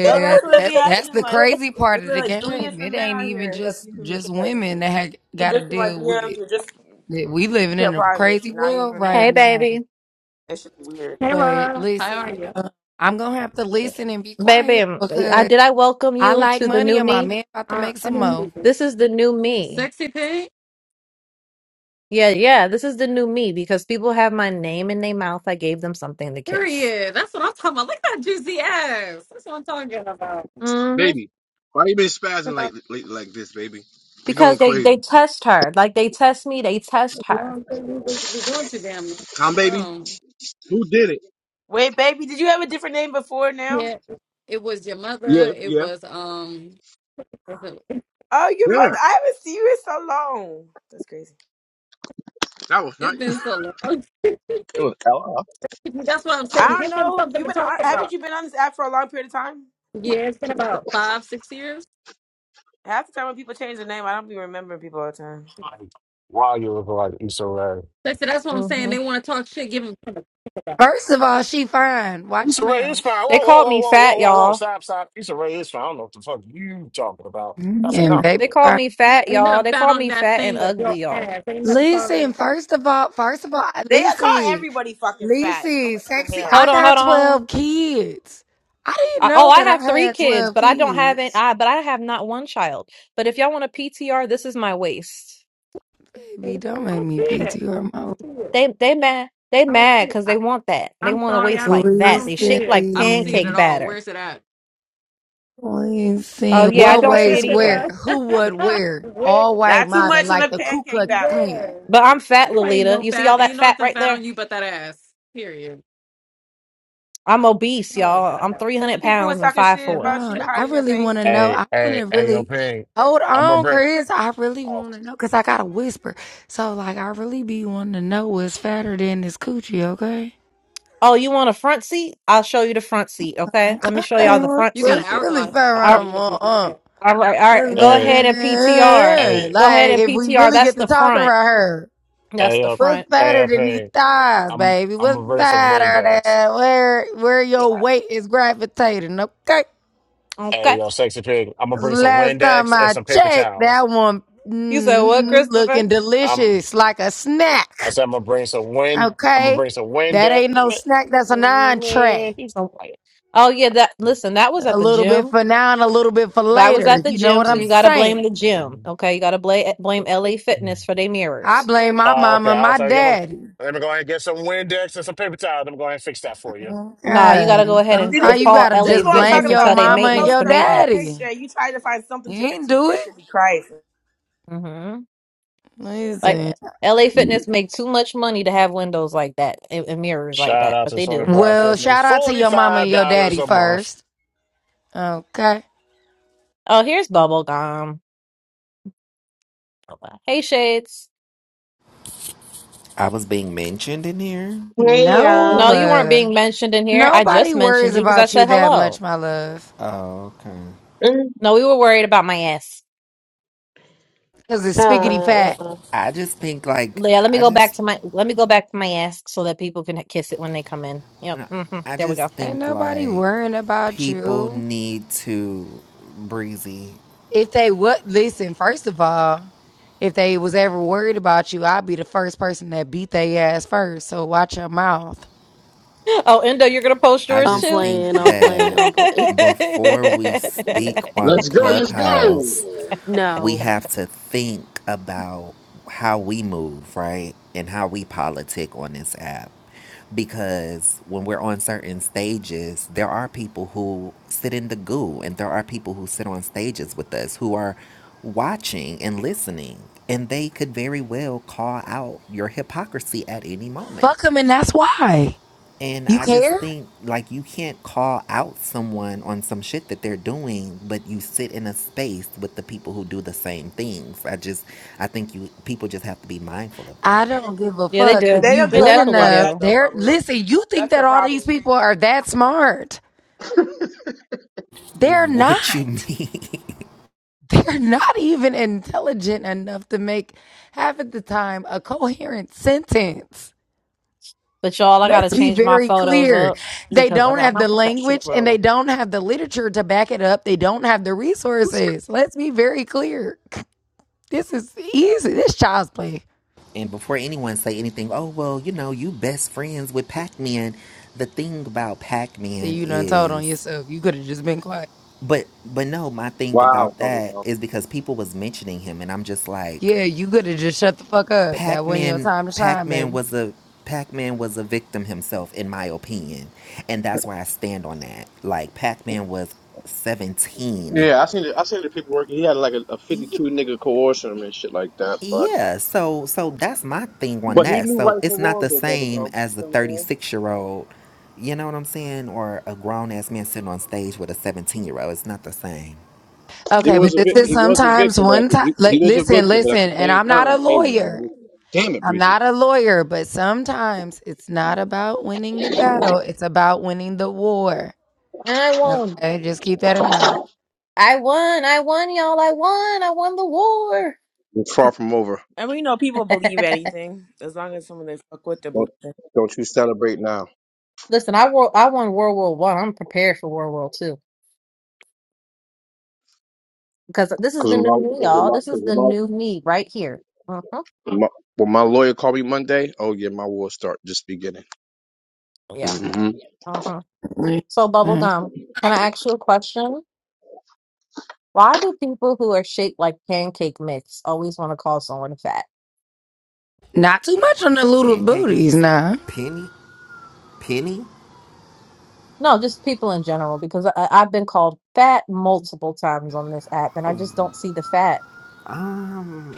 [SPEAKER 11] No, that's what it be
[SPEAKER 3] that that's
[SPEAKER 11] happening.
[SPEAKER 3] the
[SPEAKER 11] Like,
[SPEAKER 3] crazy part
[SPEAKER 11] there's
[SPEAKER 3] of the
[SPEAKER 11] like three
[SPEAKER 3] game.
[SPEAKER 11] different
[SPEAKER 3] It
[SPEAKER 11] men
[SPEAKER 3] ain't
[SPEAKER 11] on
[SPEAKER 3] even
[SPEAKER 11] here who have
[SPEAKER 3] just
[SPEAKER 11] beef with me
[SPEAKER 3] just
[SPEAKER 11] because
[SPEAKER 3] women that had
[SPEAKER 11] we
[SPEAKER 3] got to
[SPEAKER 11] just in my
[SPEAKER 3] deal with
[SPEAKER 11] DMs,
[SPEAKER 3] it.
[SPEAKER 11] you're just
[SPEAKER 3] That we
[SPEAKER 11] in
[SPEAKER 3] living
[SPEAKER 11] your
[SPEAKER 3] in a
[SPEAKER 11] private.
[SPEAKER 3] crazy
[SPEAKER 11] Now you're
[SPEAKER 3] world
[SPEAKER 11] even
[SPEAKER 3] right
[SPEAKER 1] hey,
[SPEAKER 11] mad.
[SPEAKER 3] now.
[SPEAKER 1] baby,
[SPEAKER 11] That should be weird.
[SPEAKER 13] Hey,
[SPEAKER 3] But
[SPEAKER 13] Rara. How are
[SPEAKER 3] listen,
[SPEAKER 13] you?
[SPEAKER 3] uh, I'm gonna have to listen and be
[SPEAKER 1] baby,
[SPEAKER 3] quiet
[SPEAKER 1] I
[SPEAKER 3] because
[SPEAKER 1] did I welcome
[SPEAKER 3] I
[SPEAKER 1] you
[SPEAKER 3] like
[SPEAKER 1] to the
[SPEAKER 3] money
[SPEAKER 1] new
[SPEAKER 3] and my
[SPEAKER 1] me.
[SPEAKER 3] man about to
[SPEAKER 13] Uh,
[SPEAKER 3] make
[SPEAKER 13] I
[SPEAKER 3] some
[SPEAKER 13] didn't
[SPEAKER 3] more.
[SPEAKER 13] hear you.
[SPEAKER 1] This is the new me.
[SPEAKER 13] Sexy pig?
[SPEAKER 1] Yeah, yeah, this is the new me because people have my name in their mouth. I gave them something to kiss.
[SPEAKER 13] Period. That's what I'm talking about. Look at that juicy ass. That's what I'm talking about.
[SPEAKER 1] hmm
[SPEAKER 5] Baby, why you been
[SPEAKER 13] 'Cause
[SPEAKER 5] spazzing
[SPEAKER 13] I
[SPEAKER 5] like lately like this, baby? We
[SPEAKER 1] Because
[SPEAKER 5] going
[SPEAKER 1] they
[SPEAKER 5] crazy.
[SPEAKER 1] they test her. Like they test me, they test her.
[SPEAKER 13] don't think you supposed to be doing too damn much.
[SPEAKER 5] Tom Baby,
[SPEAKER 13] So,
[SPEAKER 5] who did it?
[SPEAKER 11] Wait, baby, did you have a different name before now?
[SPEAKER 13] yeah, it was your mother.
[SPEAKER 5] Yeah,
[SPEAKER 13] It
[SPEAKER 5] yeah.
[SPEAKER 13] was, um, was it-
[SPEAKER 11] Oh, your
[SPEAKER 5] Yeah,
[SPEAKER 11] mother. I haven't seen you in so long. That's crazy.
[SPEAKER 5] that was
[SPEAKER 13] it's
[SPEAKER 5] not.
[SPEAKER 13] been so long. that's what I'm
[SPEAKER 11] I
[SPEAKER 13] saying.
[SPEAKER 11] don't
[SPEAKER 13] Give them
[SPEAKER 11] know.
[SPEAKER 13] something
[SPEAKER 11] You've
[SPEAKER 13] to
[SPEAKER 11] been
[SPEAKER 13] talk
[SPEAKER 11] on, haven't
[SPEAKER 13] about.
[SPEAKER 11] you been on this app for a long period of time?
[SPEAKER 13] Yeah, it's been about five, six years.
[SPEAKER 11] Half the time when people change their name, I don't be remembering people all the time.
[SPEAKER 8] Like, while you look like you so right.
[SPEAKER 13] That's, that's what I'm saying.
[SPEAKER 1] hmm
[SPEAKER 13] They want to talk shit. Give them something to talk about.
[SPEAKER 3] First of all, she fine. Watch
[SPEAKER 8] Issa
[SPEAKER 3] your
[SPEAKER 8] Rae is
[SPEAKER 3] mouth.
[SPEAKER 8] fine. Whoa,
[SPEAKER 1] They
[SPEAKER 8] whoa,
[SPEAKER 1] called
[SPEAKER 8] whoa,
[SPEAKER 1] me
[SPEAKER 8] whoa, whoa,
[SPEAKER 1] fat,
[SPEAKER 8] whoa, whoa.
[SPEAKER 1] y'all.
[SPEAKER 8] Stop, stop. Issa Rae is fine. I don't know what the fuck you talking about. That's a
[SPEAKER 3] And baby,
[SPEAKER 1] They
[SPEAKER 8] compliment.
[SPEAKER 1] called
[SPEAKER 3] fine.
[SPEAKER 1] me fat,
[SPEAKER 13] Ain't
[SPEAKER 1] y'all.
[SPEAKER 13] nothing
[SPEAKER 1] They
[SPEAKER 13] fat
[SPEAKER 1] called
[SPEAKER 13] on
[SPEAKER 1] me
[SPEAKER 13] that
[SPEAKER 1] fat and
[SPEAKER 13] thing but your
[SPEAKER 1] ugly, y'all.
[SPEAKER 13] ass. Ain't nothing fat on
[SPEAKER 3] listen. First of all, first of all,
[SPEAKER 11] They call
[SPEAKER 3] listen,
[SPEAKER 11] everybody fucking fat. Oh,
[SPEAKER 3] listen,
[SPEAKER 11] what the
[SPEAKER 3] sexy.
[SPEAKER 11] hell?
[SPEAKER 3] I
[SPEAKER 1] Hold on,
[SPEAKER 3] got
[SPEAKER 1] hold on. hold on.
[SPEAKER 3] twelve kids. I didn't
[SPEAKER 1] I, oh,
[SPEAKER 3] know
[SPEAKER 1] I
[SPEAKER 3] that
[SPEAKER 1] have
[SPEAKER 3] I
[SPEAKER 1] three
[SPEAKER 3] had
[SPEAKER 1] kids,
[SPEAKER 3] twelve
[SPEAKER 1] but I don't have an
[SPEAKER 3] kids.
[SPEAKER 1] I, but I have not one child. But if y'all want a PTR, this is my waist.
[SPEAKER 13] I
[SPEAKER 3] Baby, don't make
[SPEAKER 13] don't
[SPEAKER 3] me
[SPEAKER 13] see it.
[SPEAKER 3] PTR my
[SPEAKER 13] I don't see it.
[SPEAKER 1] They they mad. They
[SPEAKER 13] I don't
[SPEAKER 1] mad
[SPEAKER 13] see it.
[SPEAKER 1] because
[SPEAKER 13] I,
[SPEAKER 1] they want that. They
[SPEAKER 13] I'm
[SPEAKER 1] want a
[SPEAKER 13] sorry. I
[SPEAKER 1] waist
[SPEAKER 13] don't.
[SPEAKER 1] like
[SPEAKER 13] I
[SPEAKER 1] that.
[SPEAKER 13] don't
[SPEAKER 1] They
[SPEAKER 13] see
[SPEAKER 1] shake
[SPEAKER 13] it.
[SPEAKER 1] like
[SPEAKER 13] I don't see it
[SPEAKER 1] pancake
[SPEAKER 13] at
[SPEAKER 3] listen.
[SPEAKER 13] all.
[SPEAKER 1] batter.
[SPEAKER 13] Where's it at?
[SPEAKER 1] Oh
[SPEAKER 3] Listen,
[SPEAKER 1] yeah, I
[SPEAKER 3] what
[SPEAKER 1] don't see
[SPEAKER 13] Where is
[SPEAKER 1] it
[SPEAKER 3] ways
[SPEAKER 13] it
[SPEAKER 1] either.
[SPEAKER 3] where? Who would
[SPEAKER 13] at?
[SPEAKER 3] where?
[SPEAKER 13] where?
[SPEAKER 3] All white
[SPEAKER 11] Not too
[SPEAKER 3] mobbing
[SPEAKER 11] much on the
[SPEAKER 3] like the Ku
[SPEAKER 11] pancake
[SPEAKER 3] Klux
[SPEAKER 11] battle.
[SPEAKER 3] Klan.
[SPEAKER 13] Where?
[SPEAKER 1] But I'm
[SPEAKER 11] Okay.
[SPEAKER 1] fat,
[SPEAKER 13] You ain't
[SPEAKER 1] Lolita.
[SPEAKER 13] no
[SPEAKER 1] You see all
[SPEAKER 13] fat.
[SPEAKER 1] that
[SPEAKER 13] Ain't
[SPEAKER 1] fat
[SPEAKER 13] nothing
[SPEAKER 1] right
[SPEAKER 13] fat
[SPEAKER 1] there?
[SPEAKER 13] on you but that ass. Period.
[SPEAKER 1] I'm obese,
[SPEAKER 13] Oh
[SPEAKER 1] y'all. I'm
[SPEAKER 13] God.
[SPEAKER 11] There's the
[SPEAKER 1] 300
[SPEAKER 11] people who was
[SPEAKER 1] pounds and
[SPEAKER 11] talking
[SPEAKER 1] five
[SPEAKER 11] shit
[SPEAKER 3] Hold
[SPEAKER 1] four.
[SPEAKER 11] about
[SPEAKER 3] on.
[SPEAKER 11] you
[SPEAKER 3] I
[SPEAKER 11] hiding their
[SPEAKER 3] really
[SPEAKER 11] face.
[SPEAKER 3] want to know.
[SPEAKER 8] Hey,
[SPEAKER 3] I want
[SPEAKER 8] hey,
[SPEAKER 3] to
[SPEAKER 8] hey, yo,
[SPEAKER 3] really
[SPEAKER 8] Ping.
[SPEAKER 3] hold
[SPEAKER 8] I'm gonna
[SPEAKER 3] on,
[SPEAKER 8] bring.
[SPEAKER 3] Chris. I really
[SPEAKER 8] Oh,
[SPEAKER 3] want to know because I got to whisper. So, like, I really be wanting to know what's fatter than this coochie, okay?
[SPEAKER 1] Oh, you want a front seat? I'll show you the front seat, okay? Let me
[SPEAKER 3] Okay.
[SPEAKER 1] show y'all the
[SPEAKER 3] What's
[SPEAKER 1] front
[SPEAKER 13] You got an
[SPEAKER 1] seat.
[SPEAKER 3] what's really
[SPEAKER 13] hourglass.
[SPEAKER 3] fatter
[SPEAKER 1] All
[SPEAKER 13] Funny,
[SPEAKER 3] on the
[SPEAKER 13] Mrs.
[SPEAKER 3] uh,
[SPEAKER 1] all right, all right.
[SPEAKER 3] What's
[SPEAKER 1] Go
[SPEAKER 3] fatter
[SPEAKER 8] hey,
[SPEAKER 1] ahead
[SPEAKER 3] than
[SPEAKER 1] and PTR.
[SPEAKER 3] that?
[SPEAKER 8] hey,
[SPEAKER 1] Go ahead
[SPEAKER 3] Like,
[SPEAKER 1] and
[SPEAKER 3] if we
[SPEAKER 1] PTR.
[SPEAKER 3] really
[SPEAKER 1] That's
[SPEAKER 3] get to
[SPEAKER 1] the
[SPEAKER 3] talking
[SPEAKER 1] front.
[SPEAKER 3] about her,
[SPEAKER 1] That's
[SPEAKER 8] hey,
[SPEAKER 1] the
[SPEAKER 8] yo,
[SPEAKER 3] what's
[SPEAKER 1] front.
[SPEAKER 8] hey,
[SPEAKER 3] fatter
[SPEAKER 8] yo,
[SPEAKER 3] than these
[SPEAKER 8] Ping.
[SPEAKER 3] thighs,
[SPEAKER 8] I'm,
[SPEAKER 3] baby?
[SPEAKER 8] I'm
[SPEAKER 3] What's
[SPEAKER 8] gonna bring some
[SPEAKER 3] fatter
[SPEAKER 8] Windex.
[SPEAKER 3] than where, where your weight is gravitating, okay?
[SPEAKER 8] Hey,
[SPEAKER 1] Okay.
[SPEAKER 8] yo, sexy pig. I'm gonna
[SPEAKER 3] 'Cause
[SPEAKER 8] bring
[SPEAKER 3] the
[SPEAKER 8] some
[SPEAKER 3] Last time
[SPEAKER 8] Windex and
[SPEAKER 3] I
[SPEAKER 8] some paper
[SPEAKER 3] checked,
[SPEAKER 8] towels.
[SPEAKER 3] that one
[SPEAKER 1] You said what,
[SPEAKER 3] mm,
[SPEAKER 1] Christopher?
[SPEAKER 3] looking
[SPEAKER 8] I'm.
[SPEAKER 3] delicious like a
[SPEAKER 8] I
[SPEAKER 3] snack.
[SPEAKER 8] said I'm gonna bring some wind. I'm gonna
[SPEAKER 3] Okay,
[SPEAKER 8] bring some
[SPEAKER 3] that
[SPEAKER 8] Windex.
[SPEAKER 3] ain't no
[SPEAKER 8] Man,
[SPEAKER 3] snack. That's an entree.
[SPEAKER 8] man, be
[SPEAKER 1] So, oh yeah, that listen, that was at
[SPEAKER 3] A
[SPEAKER 1] the
[SPEAKER 3] little bit
[SPEAKER 1] gym.
[SPEAKER 3] for now and a little bit for
[SPEAKER 1] That was
[SPEAKER 3] later.
[SPEAKER 1] at the
[SPEAKER 3] You know
[SPEAKER 1] gym,
[SPEAKER 3] what
[SPEAKER 1] so
[SPEAKER 3] I'm
[SPEAKER 1] you gotta blame
[SPEAKER 3] saying?
[SPEAKER 1] the gym. Okay, you gotta blame blame LA
[SPEAKER 8] quiet.
[SPEAKER 1] Fitness for their
[SPEAKER 3] I
[SPEAKER 1] mirrors.
[SPEAKER 3] blame my
[SPEAKER 8] Oh, okay.
[SPEAKER 3] mama and
[SPEAKER 8] I was
[SPEAKER 3] my
[SPEAKER 8] like, I'm gonna,
[SPEAKER 3] daddy.
[SPEAKER 8] let me go ahead and get some Windex and some paper towels. Let me go ahead and fix that for you.
[SPEAKER 1] Nah, you gotta
[SPEAKER 3] Okay,
[SPEAKER 1] go ahead and,
[SPEAKER 11] See, this
[SPEAKER 3] sometimes
[SPEAKER 1] and
[SPEAKER 11] is
[SPEAKER 3] you
[SPEAKER 1] call
[SPEAKER 3] gotta
[SPEAKER 11] this
[SPEAKER 1] LA
[SPEAKER 11] is
[SPEAKER 3] just
[SPEAKER 11] what I'm
[SPEAKER 3] blame
[SPEAKER 1] Fitness
[SPEAKER 11] talking
[SPEAKER 1] and
[SPEAKER 3] your
[SPEAKER 11] about.
[SPEAKER 1] tell
[SPEAKER 11] If
[SPEAKER 1] they
[SPEAKER 11] Someone
[SPEAKER 3] mama
[SPEAKER 11] could
[SPEAKER 3] and
[SPEAKER 1] maintenance
[SPEAKER 11] post
[SPEAKER 3] your
[SPEAKER 1] to
[SPEAKER 11] a, a
[SPEAKER 1] maintenance.
[SPEAKER 3] daddy.
[SPEAKER 11] picture and you try to find something to
[SPEAKER 3] You ain't
[SPEAKER 11] critique.
[SPEAKER 3] do
[SPEAKER 11] That
[SPEAKER 3] it.
[SPEAKER 11] should be crazy.
[SPEAKER 1] hmm Like
[SPEAKER 3] Listen.
[SPEAKER 1] LA Fitness make too much money to have windows like that and, and mirrors like
[SPEAKER 8] Shout
[SPEAKER 1] that,
[SPEAKER 8] out
[SPEAKER 1] but
[SPEAKER 8] to
[SPEAKER 1] they
[SPEAKER 8] Sony
[SPEAKER 1] do.
[SPEAKER 8] for our
[SPEAKER 3] Well, shout
[SPEAKER 8] fitness.
[SPEAKER 3] out to your mama and
[SPEAKER 8] $45
[SPEAKER 3] your daddy
[SPEAKER 8] a month.
[SPEAKER 3] first. Okay.
[SPEAKER 1] Oh, here's bubble gum. Hey, Shades.
[SPEAKER 14] I was being mentioned in here.
[SPEAKER 15] Hey
[SPEAKER 3] No.
[SPEAKER 1] No, you
[SPEAKER 15] y'all.
[SPEAKER 1] weren't
[SPEAKER 3] uh,
[SPEAKER 1] being mentioned in here. I
[SPEAKER 3] Nobody
[SPEAKER 1] just mentioned
[SPEAKER 3] worries
[SPEAKER 1] you because I
[SPEAKER 3] about you
[SPEAKER 1] said
[SPEAKER 3] that
[SPEAKER 1] hello.
[SPEAKER 3] much, my love.
[SPEAKER 14] Oh, okay.
[SPEAKER 15] Mm.
[SPEAKER 1] No, we were worried about my ass.
[SPEAKER 3] Cause it's
[SPEAKER 1] Let-
[SPEAKER 3] spiggity
[SPEAKER 15] Uh,
[SPEAKER 3] fat.
[SPEAKER 15] well,
[SPEAKER 14] I just think like
[SPEAKER 1] Yeah, let me
[SPEAKER 14] I
[SPEAKER 1] go back
[SPEAKER 14] just
[SPEAKER 1] to my let me go back to my ass so that people can kiss it when they come in. Yep.
[SPEAKER 14] no,
[SPEAKER 1] hmm
[SPEAKER 14] I
[SPEAKER 1] There we go.
[SPEAKER 14] just
[SPEAKER 3] Ain't
[SPEAKER 14] think
[SPEAKER 3] nobody
[SPEAKER 14] like
[SPEAKER 3] worrying about
[SPEAKER 14] people
[SPEAKER 3] you.
[SPEAKER 14] need to breezy.
[SPEAKER 3] If they would listen, first of all, if they was ever worried about you, I'd be the first person that beat their ass first. So watch your mouth.
[SPEAKER 1] Oh, Endo, you're gonna post
[SPEAKER 14] I
[SPEAKER 1] yours
[SPEAKER 16] I'm
[SPEAKER 14] just
[SPEAKER 1] too?
[SPEAKER 14] think
[SPEAKER 16] playing, I'm playing,
[SPEAKER 14] that
[SPEAKER 16] I'm playing.
[SPEAKER 14] before we speak on
[SPEAKER 5] Let's go, let's go.
[SPEAKER 14] Clubhouse, we
[SPEAKER 16] No,
[SPEAKER 14] have to think about how we move, right? And how we politic on this app. Because when we're on certain stages, there are people who sit in the goo, and there are people who sit on stages with us who are watching and listening, and they could very well call out your hypocrisy at any
[SPEAKER 3] Fuck
[SPEAKER 14] moment.
[SPEAKER 3] them and that's why.
[SPEAKER 14] And
[SPEAKER 3] You
[SPEAKER 14] I just
[SPEAKER 3] care?
[SPEAKER 14] think like you can't call out someone on some shit that they're doing, but you sit in a space with the people who do the same things. I just I think you people just have to be mindful of
[SPEAKER 3] I
[SPEAKER 14] that.
[SPEAKER 3] don't give a
[SPEAKER 1] Yeah, they
[SPEAKER 3] fuck. If
[SPEAKER 11] They
[SPEAKER 1] do.
[SPEAKER 3] you
[SPEAKER 11] don't
[SPEAKER 1] They
[SPEAKER 11] give a
[SPEAKER 3] good
[SPEAKER 11] fuck
[SPEAKER 1] definitely
[SPEAKER 11] about
[SPEAKER 3] enough,
[SPEAKER 11] that
[SPEAKER 1] do.
[SPEAKER 11] though,
[SPEAKER 3] they're
[SPEAKER 11] Bubba.
[SPEAKER 3] listen, you think
[SPEAKER 11] That's
[SPEAKER 3] that
[SPEAKER 11] their
[SPEAKER 3] all these
[SPEAKER 11] problem.
[SPEAKER 3] people are that smart. They're
[SPEAKER 14] What you
[SPEAKER 3] not.
[SPEAKER 14] mean?
[SPEAKER 3] They're not even intelligent enough to make half of the time a coherent sentence.
[SPEAKER 1] But y'all, I gotta
[SPEAKER 3] Let's be
[SPEAKER 1] change my
[SPEAKER 3] very
[SPEAKER 1] photos
[SPEAKER 3] clear.
[SPEAKER 1] up
[SPEAKER 3] They
[SPEAKER 1] because I
[SPEAKER 3] don't
[SPEAKER 1] got
[SPEAKER 3] have
[SPEAKER 1] my
[SPEAKER 3] the
[SPEAKER 1] professional
[SPEAKER 3] language and they
[SPEAKER 1] role.
[SPEAKER 3] don't have the literature to back it up. They don't have the resources. Let's be very clear. This is easy. This child's play.
[SPEAKER 14] and before anyone say anything, oh well, you know, you best friends with Pac-Man. The thing about
[SPEAKER 3] So
[SPEAKER 14] Pac-Man
[SPEAKER 3] you done told on
[SPEAKER 14] is
[SPEAKER 3] yourself. You could have just been quiet.
[SPEAKER 14] but but no, my thing
[SPEAKER 5] Wow,
[SPEAKER 14] about that
[SPEAKER 5] bubblegum.
[SPEAKER 14] is because people was mentioning him and I'm just like
[SPEAKER 3] Yeah, you could have just shut the fuck up. That wasn't your
[SPEAKER 14] Pac-Man
[SPEAKER 3] time to shine,
[SPEAKER 14] Pac-Man
[SPEAKER 3] baby.
[SPEAKER 14] was a Pac-Man was a victim himself in my opinion. And that's why I stand on that. Like Pac-Man was 17.
[SPEAKER 5] Yeah, I seen the, I seen the paperwork. He had like a, a
[SPEAKER 14] Ye-
[SPEAKER 5] 52 nigga coercion and shit like that, but
[SPEAKER 14] yeah, so so that's my thing on
[SPEAKER 5] But he
[SPEAKER 14] that.
[SPEAKER 5] knew
[SPEAKER 14] So
[SPEAKER 5] right
[SPEAKER 14] it's
[SPEAKER 5] from
[SPEAKER 14] not
[SPEAKER 5] wrong
[SPEAKER 14] the
[SPEAKER 5] though,
[SPEAKER 14] same
[SPEAKER 5] bubblegum. You
[SPEAKER 14] as the
[SPEAKER 5] know what I'm
[SPEAKER 14] 36-year-old, you know what I'm saying, or a grown-ass man sitting on stage with a 17-year-old. It's not the same.
[SPEAKER 3] Okay, but this is
[SPEAKER 1] Mhm.
[SPEAKER 3] sometimes one time.
[SPEAKER 5] saying?
[SPEAKER 3] listen,
[SPEAKER 5] look,
[SPEAKER 3] listen, and I'm not a lawyer.
[SPEAKER 5] Damn it,
[SPEAKER 3] I'm
[SPEAKER 5] Breezy.
[SPEAKER 3] not a lawyer, but sometimes it's not about winning the battle, it's about winning the war.
[SPEAKER 1] I won't.
[SPEAKER 3] Okay, just keep that in mind.
[SPEAKER 1] I won, I won, y'all. I won, I won the war.
[SPEAKER 5] it's far from over.
[SPEAKER 11] And we know people believe anything as long as someone they fuck with they believe
[SPEAKER 5] Don't,
[SPEAKER 11] it.
[SPEAKER 5] don't you celebrate now.
[SPEAKER 1] Listen, I won, I won World War One. I'm prepared for World War Two because this is
[SPEAKER 5] Cause
[SPEAKER 1] the
[SPEAKER 5] when my,
[SPEAKER 1] new
[SPEAKER 5] cause
[SPEAKER 1] me,
[SPEAKER 5] when
[SPEAKER 1] y'all.
[SPEAKER 5] my,
[SPEAKER 1] This
[SPEAKER 5] cause
[SPEAKER 1] is the
[SPEAKER 5] when my,
[SPEAKER 1] new me right here. hmm
[SPEAKER 5] when my, when my lawyer called me Monday, oh yeah, my war start just beginning.
[SPEAKER 1] Yeah.
[SPEAKER 5] hmm
[SPEAKER 1] hmm So,
[SPEAKER 3] Mhm.
[SPEAKER 1] bubblegum, can I ask you a question? Why do people who are shaped like pancake mix always want to call someone fat?
[SPEAKER 3] Not too much on the little
[SPEAKER 14] Pancake
[SPEAKER 3] booties,
[SPEAKER 14] mix
[SPEAKER 3] nah.
[SPEAKER 14] Penny Penny
[SPEAKER 1] No, just people in general, because I, I've been called fat multiple times on this app, and I just don't see the fat.
[SPEAKER 14] um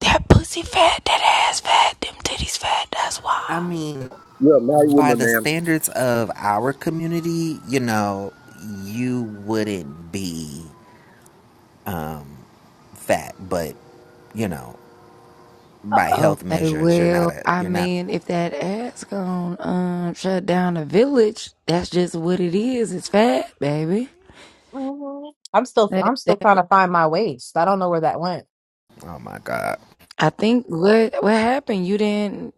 [SPEAKER 3] That pussy fat, that ass fat, them titties fat, that's
[SPEAKER 14] I
[SPEAKER 3] why.
[SPEAKER 14] mean,
[SPEAKER 5] You're a married
[SPEAKER 14] by
[SPEAKER 5] woman,
[SPEAKER 14] the
[SPEAKER 5] man.
[SPEAKER 14] standards of our community, you know, you wouldn't be um, fat, but you know, by health
[SPEAKER 3] Okay,
[SPEAKER 14] measures, you're not
[SPEAKER 3] well,
[SPEAKER 14] a
[SPEAKER 3] I
[SPEAKER 14] you're not.
[SPEAKER 3] mean, if that ass gone um shut down a village, that's just what it is. It's fat, baby.
[SPEAKER 1] Mhm. I'm still,
[SPEAKER 3] That,
[SPEAKER 1] I'm still
[SPEAKER 3] that
[SPEAKER 1] trying to find my waist. I don't know where that went.
[SPEAKER 14] Oh my God,
[SPEAKER 3] I think what what happened? You didn't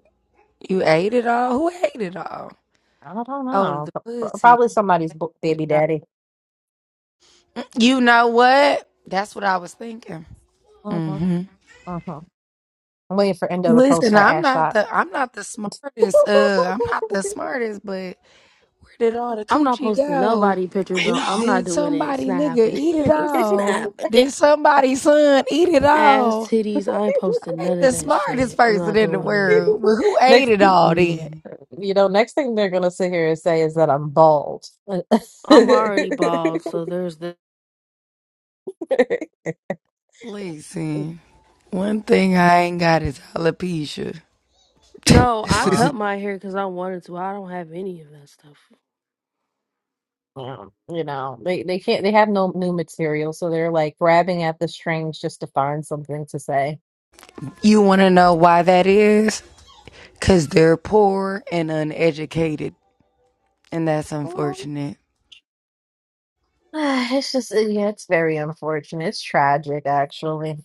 [SPEAKER 3] you ate it all? Who ate it all?
[SPEAKER 1] I don't
[SPEAKER 3] Oh, the
[SPEAKER 1] know. P- p-
[SPEAKER 3] pussy.
[SPEAKER 1] Probably somebody's bo- baby daddy.
[SPEAKER 3] You know what? That's what I was thinking.
[SPEAKER 1] hmm
[SPEAKER 3] hmm
[SPEAKER 1] hmm I'm waiting for Endo to post
[SPEAKER 3] Listen,
[SPEAKER 1] her
[SPEAKER 3] I'm
[SPEAKER 1] ass
[SPEAKER 3] not
[SPEAKER 1] shot.
[SPEAKER 3] the I'm not the smartest. Uh, I'm not the smartest, but where did all the
[SPEAKER 16] I'm not
[SPEAKER 3] coochie
[SPEAKER 16] posting
[SPEAKER 3] go?
[SPEAKER 16] nobody pictures.
[SPEAKER 8] We
[SPEAKER 16] On,
[SPEAKER 3] Did,
[SPEAKER 8] know.
[SPEAKER 16] I'm not
[SPEAKER 3] did
[SPEAKER 16] doing it. It's
[SPEAKER 3] somebody
[SPEAKER 16] not
[SPEAKER 3] nigga
[SPEAKER 16] happening.
[SPEAKER 3] eat it
[SPEAKER 16] it's not
[SPEAKER 3] all?
[SPEAKER 16] happening.
[SPEAKER 3] Did somebody's son eat it
[SPEAKER 16] Ass
[SPEAKER 3] all?
[SPEAKER 16] titties. I ain't posting
[SPEAKER 3] I ain't
[SPEAKER 16] none of
[SPEAKER 3] the
[SPEAKER 16] that
[SPEAKER 3] smartest
[SPEAKER 16] shit. I'm not
[SPEAKER 3] person in the
[SPEAKER 16] doing it.
[SPEAKER 3] world, but who ate
[SPEAKER 1] next,
[SPEAKER 3] it all then?
[SPEAKER 16] Mm-mm.
[SPEAKER 1] you know, next thing they're gonna sit here and say is that I'm bald. Uh,
[SPEAKER 16] I'm already bald, so there's the.
[SPEAKER 1] yeah,
[SPEAKER 3] Listen, one thing I ain't got is alopecia.
[SPEAKER 16] No, I cut my hair because I wanted to. I don't have any of that stuff.
[SPEAKER 1] you know, they they can't. They have no new material, so they're like grabbing at the strings just to find something to say.
[SPEAKER 3] you want to know why that is? Cause they're poor and uneducated, and that's
[SPEAKER 1] Oh,
[SPEAKER 3] unfortunate.
[SPEAKER 1] It's just, yeah, it's very unfortunate. It's tragic, actually.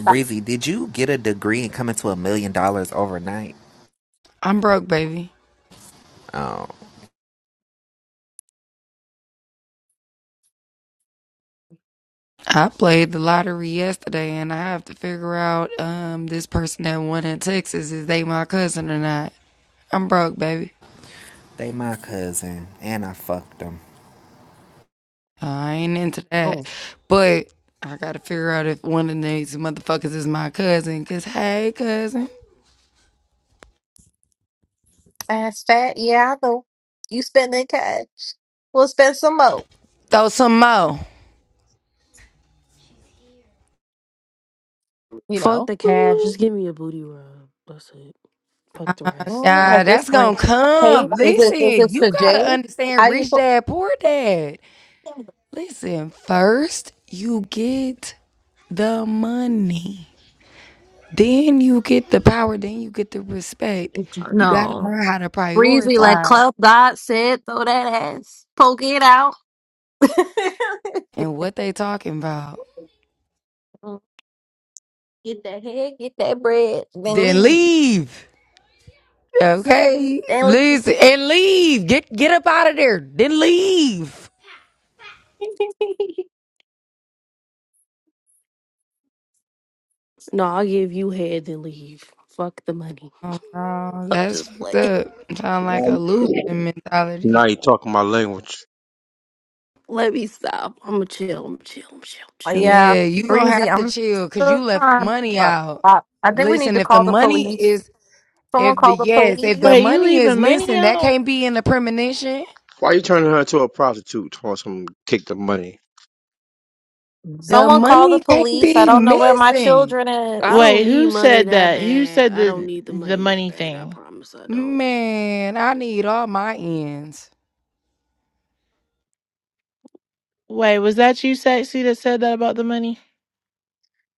[SPEAKER 14] Breezy, did you get a degree and come into a million dollars overnight?
[SPEAKER 3] I'm broke, baby.
[SPEAKER 14] Oh,
[SPEAKER 3] I played the lottery yesterday, and I have to figure out um this person that won in Texas is they my cousin or not. I'm broke, baby.
[SPEAKER 14] they my cousin, and I fucked them.
[SPEAKER 3] Uh, I ain't into that,
[SPEAKER 1] Oh,
[SPEAKER 3] but I gotta figure out if one of these motherfuckers is my cousin. 'Cause hey, cousin,
[SPEAKER 1] fast, fat. Yeah, I know. You spending cash. We'll spend some more.
[SPEAKER 3] throw some more.
[SPEAKER 1] You
[SPEAKER 16] Fuck
[SPEAKER 1] know.
[SPEAKER 16] the cash. Just give me a booty rub. That's it. Fuck the rest.
[SPEAKER 1] Mm,
[SPEAKER 3] Nah,
[SPEAKER 1] At this
[SPEAKER 3] that's gonna
[SPEAKER 1] point, hey,
[SPEAKER 3] come.
[SPEAKER 1] is it is
[SPEAKER 3] Listen,
[SPEAKER 1] it
[SPEAKER 3] you
[SPEAKER 1] for
[SPEAKER 3] gotta
[SPEAKER 1] Jay?
[SPEAKER 3] understand,
[SPEAKER 1] How you
[SPEAKER 3] rich
[SPEAKER 1] put?
[SPEAKER 3] dad, poor dad. Listen, first you get the money, then you get the power, then you get the respect. You gotta
[SPEAKER 1] No,
[SPEAKER 3] learn how to
[SPEAKER 1] breezy like
[SPEAKER 3] prioritize
[SPEAKER 1] Club God said. Throw that ass, poke it out.
[SPEAKER 3] and what they talking about.
[SPEAKER 1] Get that head, get that bread, then
[SPEAKER 3] Then
[SPEAKER 1] leave.
[SPEAKER 3] leave. Okay,
[SPEAKER 1] Then leave.
[SPEAKER 3] listen and leave. Get get up out of there. Then leave.
[SPEAKER 16] No, I'll give you head then leave. Fuck the money.
[SPEAKER 3] Oh, no,
[SPEAKER 16] I'm
[SPEAKER 3] that's
[SPEAKER 16] just
[SPEAKER 3] fucked
[SPEAKER 16] playing.
[SPEAKER 3] up. Sound like a losing mentality.
[SPEAKER 5] Now you talking my language.
[SPEAKER 16] Let me stop. I'm gonna chill. I'm chill. I'm chill. I'm
[SPEAKER 1] Oh,
[SPEAKER 16] Chill.
[SPEAKER 1] Yeah,
[SPEAKER 3] Yeah, you gonna
[SPEAKER 1] breezy.
[SPEAKER 3] have to
[SPEAKER 1] I'm
[SPEAKER 3] chill because
[SPEAKER 1] still
[SPEAKER 3] you left the
[SPEAKER 1] trying
[SPEAKER 3] money
[SPEAKER 1] to
[SPEAKER 3] out.
[SPEAKER 1] stop. I think we need
[SPEAKER 3] Listen,
[SPEAKER 1] to
[SPEAKER 3] if the
[SPEAKER 1] call the
[SPEAKER 3] money
[SPEAKER 1] police.
[SPEAKER 3] is
[SPEAKER 1] Someone
[SPEAKER 3] If the
[SPEAKER 1] call the
[SPEAKER 3] yes, if
[SPEAKER 1] police.
[SPEAKER 3] the
[SPEAKER 17] Wait, you
[SPEAKER 3] money is
[SPEAKER 17] leaving money
[SPEAKER 3] missing, that
[SPEAKER 17] out?
[SPEAKER 3] can't be in the premonition.
[SPEAKER 5] Why you turning her into a prostitute? Toss some kick the money.
[SPEAKER 3] The
[SPEAKER 1] someone call
[SPEAKER 3] money
[SPEAKER 1] the
[SPEAKER 3] can't
[SPEAKER 1] police. I
[SPEAKER 3] be
[SPEAKER 1] don't know where my
[SPEAKER 3] missing.
[SPEAKER 1] children
[SPEAKER 16] I
[SPEAKER 1] is.
[SPEAKER 16] don't
[SPEAKER 17] Wait,
[SPEAKER 16] need
[SPEAKER 17] who
[SPEAKER 16] money
[SPEAKER 17] said
[SPEAKER 16] that
[SPEAKER 17] that? Who
[SPEAKER 16] bad.
[SPEAKER 17] said
[SPEAKER 16] I don't
[SPEAKER 17] the
[SPEAKER 16] need the
[SPEAKER 17] the
[SPEAKER 16] money that
[SPEAKER 17] money
[SPEAKER 16] bad. I
[SPEAKER 17] thing?
[SPEAKER 16] promise I don't.
[SPEAKER 3] Man, I need all my ends.
[SPEAKER 17] Wait, was that you, sexy, that said that about the money?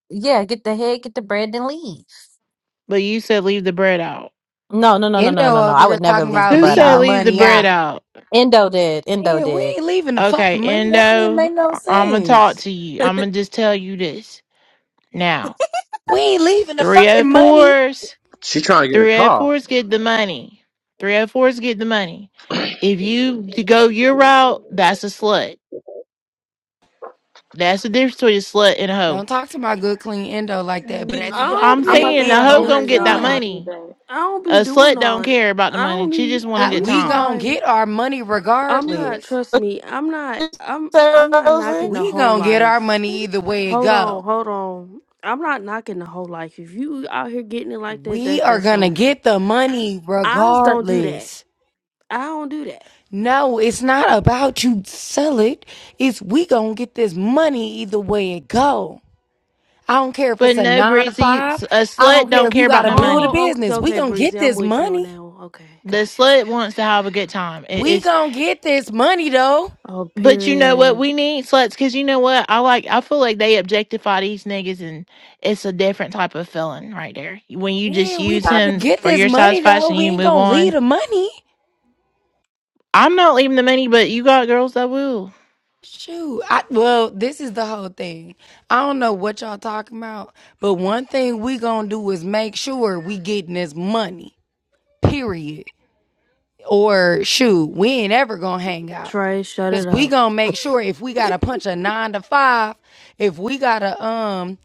[SPEAKER 1] Yeah, get the head, get the bread, and leave.
[SPEAKER 17] But you said leave the bread out.
[SPEAKER 1] No, no, no, no, no, no,
[SPEAKER 3] Endo
[SPEAKER 1] no, no.
[SPEAKER 3] over
[SPEAKER 1] I
[SPEAKER 3] here
[SPEAKER 1] would never
[SPEAKER 3] talking
[SPEAKER 1] leave
[SPEAKER 3] about
[SPEAKER 1] the
[SPEAKER 17] Who
[SPEAKER 1] bread
[SPEAKER 3] leaving
[SPEAKER 17] said
[SPEAKER 3] the
[SPEAKER 1] out.
[SPEAKER 17] leave the
[SPEAKER 3] money
[SPEAKER 17] bread
[SPEAKER 3] out.
[SPEAKER 17] out?
[SPEAKER 1] Endo did. Endo
[SPEAKER 3] Yeah, we
[SPEAKER 1] did.
[SPEAKER 3] ain't leaving the
[SPEAKER 17] Okay,
[SPEAKER 3] fucking money. That don't even
[SPEAKER 17] Endo,
[SPEAKER 3] make no
[SPEAKER 17] I'm gonna talk
[SPEAKER 3] sense.
[SPEAKER 17] to you. I'm gonna just tell you this now.
[SPEAKER 3] We ain't leaving the fucking money.
[SPEAKER 17] 304s,
[SPEAKER 5] She trying to get a car.
[SPEAKER 17] 304s get the money. 304s get the money. If you to go your route, that's a slut. That's the difference between a slut and a hoe.
[SPEAKER 3] Don't talk to my good clean endo like that. But at
[SPEAKER 2] Mm.
[SPEAKER 16] I
[SPEAKER 3] the end of the
[SPEAKER 16] don't
[SPEAKER 17] I'm
[SPEAKER 2] I'm
[SPEAKER 3] day,
[SPEAKER 2] about to
[SPEAKER 16] be.
[SPEAKER 17] saying
[SPEAKER 3] we
[SPEAKER 17] the
[SPEAKER 3] ain't
[SPEAKER 2] have
[SPEAKER 17] hoe
[SPEAKER 3] gonna leave
[SPEAKER 2] dinner,
[SPEAKER 16] I
[SPEAKER 17] gonna
[SPEAKER 3] the
[SPEAKER 17] get that
[SPEAKER 2] y'all. I'll
[SPEAKER 16] can't.
[SPEAKER 3] money.
[SPEAKER 2] be
[SPEAKER 17] money.
[SPEAKER 2] back.
[SPEAKER 16] I don't be
[SPEAKER 17] A
[SPEAKER 16] doing
[SPEAKER 17] slut
[SPEAKER 16] all
[SPEAKER 17] don't
[SPEAKER 16] of that.
[SPEAKER 17] care about the
[SPEAKER 16] I
[SPEAKER 17] money.
[SPEAKER 16] don't
[SPEAKER 17] She just
[SPEAKER 16] need the
[SPEAKER 17] want a
[SPEAKER 3] Uh
[SPEAKER 17] good
[SPEAKER 16] reason
[SPEAKER 3] we
[SPEAKER 17] time.
[SPEAKER 3] gonna
[SPEAKER 16] why
[SPEAKER 3] get our money
[SPEAKER 16] I'm not.
[SPEAKER 3] regardless.
[SPEAKER 16] Trust me. I'm not. I'm. I'm not
[SPEAKER 1] Seriously?
[SPEAKER 16] knocking the
[SPEAKER 3] We
[SPEAKER 16] whole
[SPEAKER 3] gonna get our
[SPEAKER 16] life.
[SPEAKER 3] money either way it
[SPEAKER 16] Hold
[SPEAKER 3] go.
[SPEAKER 16] on. Hold on. I'm not knocking the whole life. If you out here getting it like that,
[SPEAKER 3] We
[SPEAKER 16] that's
[SPEAKER 3] are
[SPEAKER 16] that's on
[SPEAKER 3] gonna
[SPEAKER 16] you.
[SPEAKER 3] get the money
[SPEAKER 16] Eyes don't do that.
[SPEAKER 3] regardless.
[SPEAKER 16] I don't do that.
[SPEAKER 3] No, it's not about you sell it. It's we gonna get this money either way it go. I don't care if
[SPEAKER 17] But
[SPEAKER 3] it's a
[SPEAKER 17] no,
[SPEAKER 3] nine to
[SPEAKER 17] breezy. s-
[SPEAKER 3] five.
[SPEAKER 17] A
[SPEAKER 3] I don't
[SPEAKER 17] slut
[SPEAKER 3] care
[SPEAKER 17] don't
[SPEAKER 3] if
[SPEAKER 17] care
[SPEAKER 3] you
[SPEAKER 17] about
[SPEAKER 3] gotta
[SPEAKER 17] no
[SPEAKER 3] build a
[SPEAKER 17] money.
[SPEAKER 16] Oh, okay,
[SPEAKER 3] business. We
[SPEAKER 16] okay,
[SPEAKER 3] gonna
[SPEAKER 16] Breezy,
[SPEAKER 3] get
[SPEAKER 16] I'm
[SPEAKER 3] this
[SPEAKER 16] with you on
[SPEAKER 3] money.
[SPEAKER 16] that one. Okay,
[SPEAKER 17] The
[SPEAKER 16] got it.
[SPEAKER 17] slut
[SPEAKER 16] Okay,
[SPEAKER 17] wants
[SPEAKER 16] okay,
[SPEAKER 17] to have a good
[SPEAKER 16] okay.
[SPEAKER 17] time. It-
[SPEAKER 3] We
[SPEAKER 17] it's
[SPEAKER 3] gonna get this money though.
[SPEAKER 16] Oh,
[SPEAKER 17] but you know what?
[SPEAKER 16] period.
[SPEAKER 17] We need sluts because you know what? I like. I feel like they objectify these niggas, and it's a different type of feeling right there. When you just
[SPEAKER 3] Yeah, we
[SPEAKER 17] use
[SPEAKER 3] about to
[SPEAKER 17] him
[SPEAKER 3] get
[SPEAKER 17] for
[SPEAKER 3] this
[SPEAKER 17] your
[SPEAKER 3] money though.
[SPEAKER 17] satisfaction,
[SPEAKER 3] We
[SPEAKER 17] you
[SPEAKER 3] ain't
[SPEAKER 17] move
[SPEAKER 3] gonna leave
[SPEAKER 17] on.
[SPEAKER 3] the money.
[SPEAKER 17] I'm not leaving the money, but you got girls that will.
[SPEAKER 3] Shoot, I, well, this is the whole thing. I don't know what y'all talking about, but one thing we gonna do is make sure we getting this money. Period. Or shoot, we ain't ever gonna hang out
[SPEAKER 16] Trey, shut
[SPEAKER 3] because
[SPEAKER 16] it
[SPEAKER 3] we
[SPEAKER 16] up.
[SPEAKER 3] gonna make sure if we gotta punch a nine to five, if we gotta um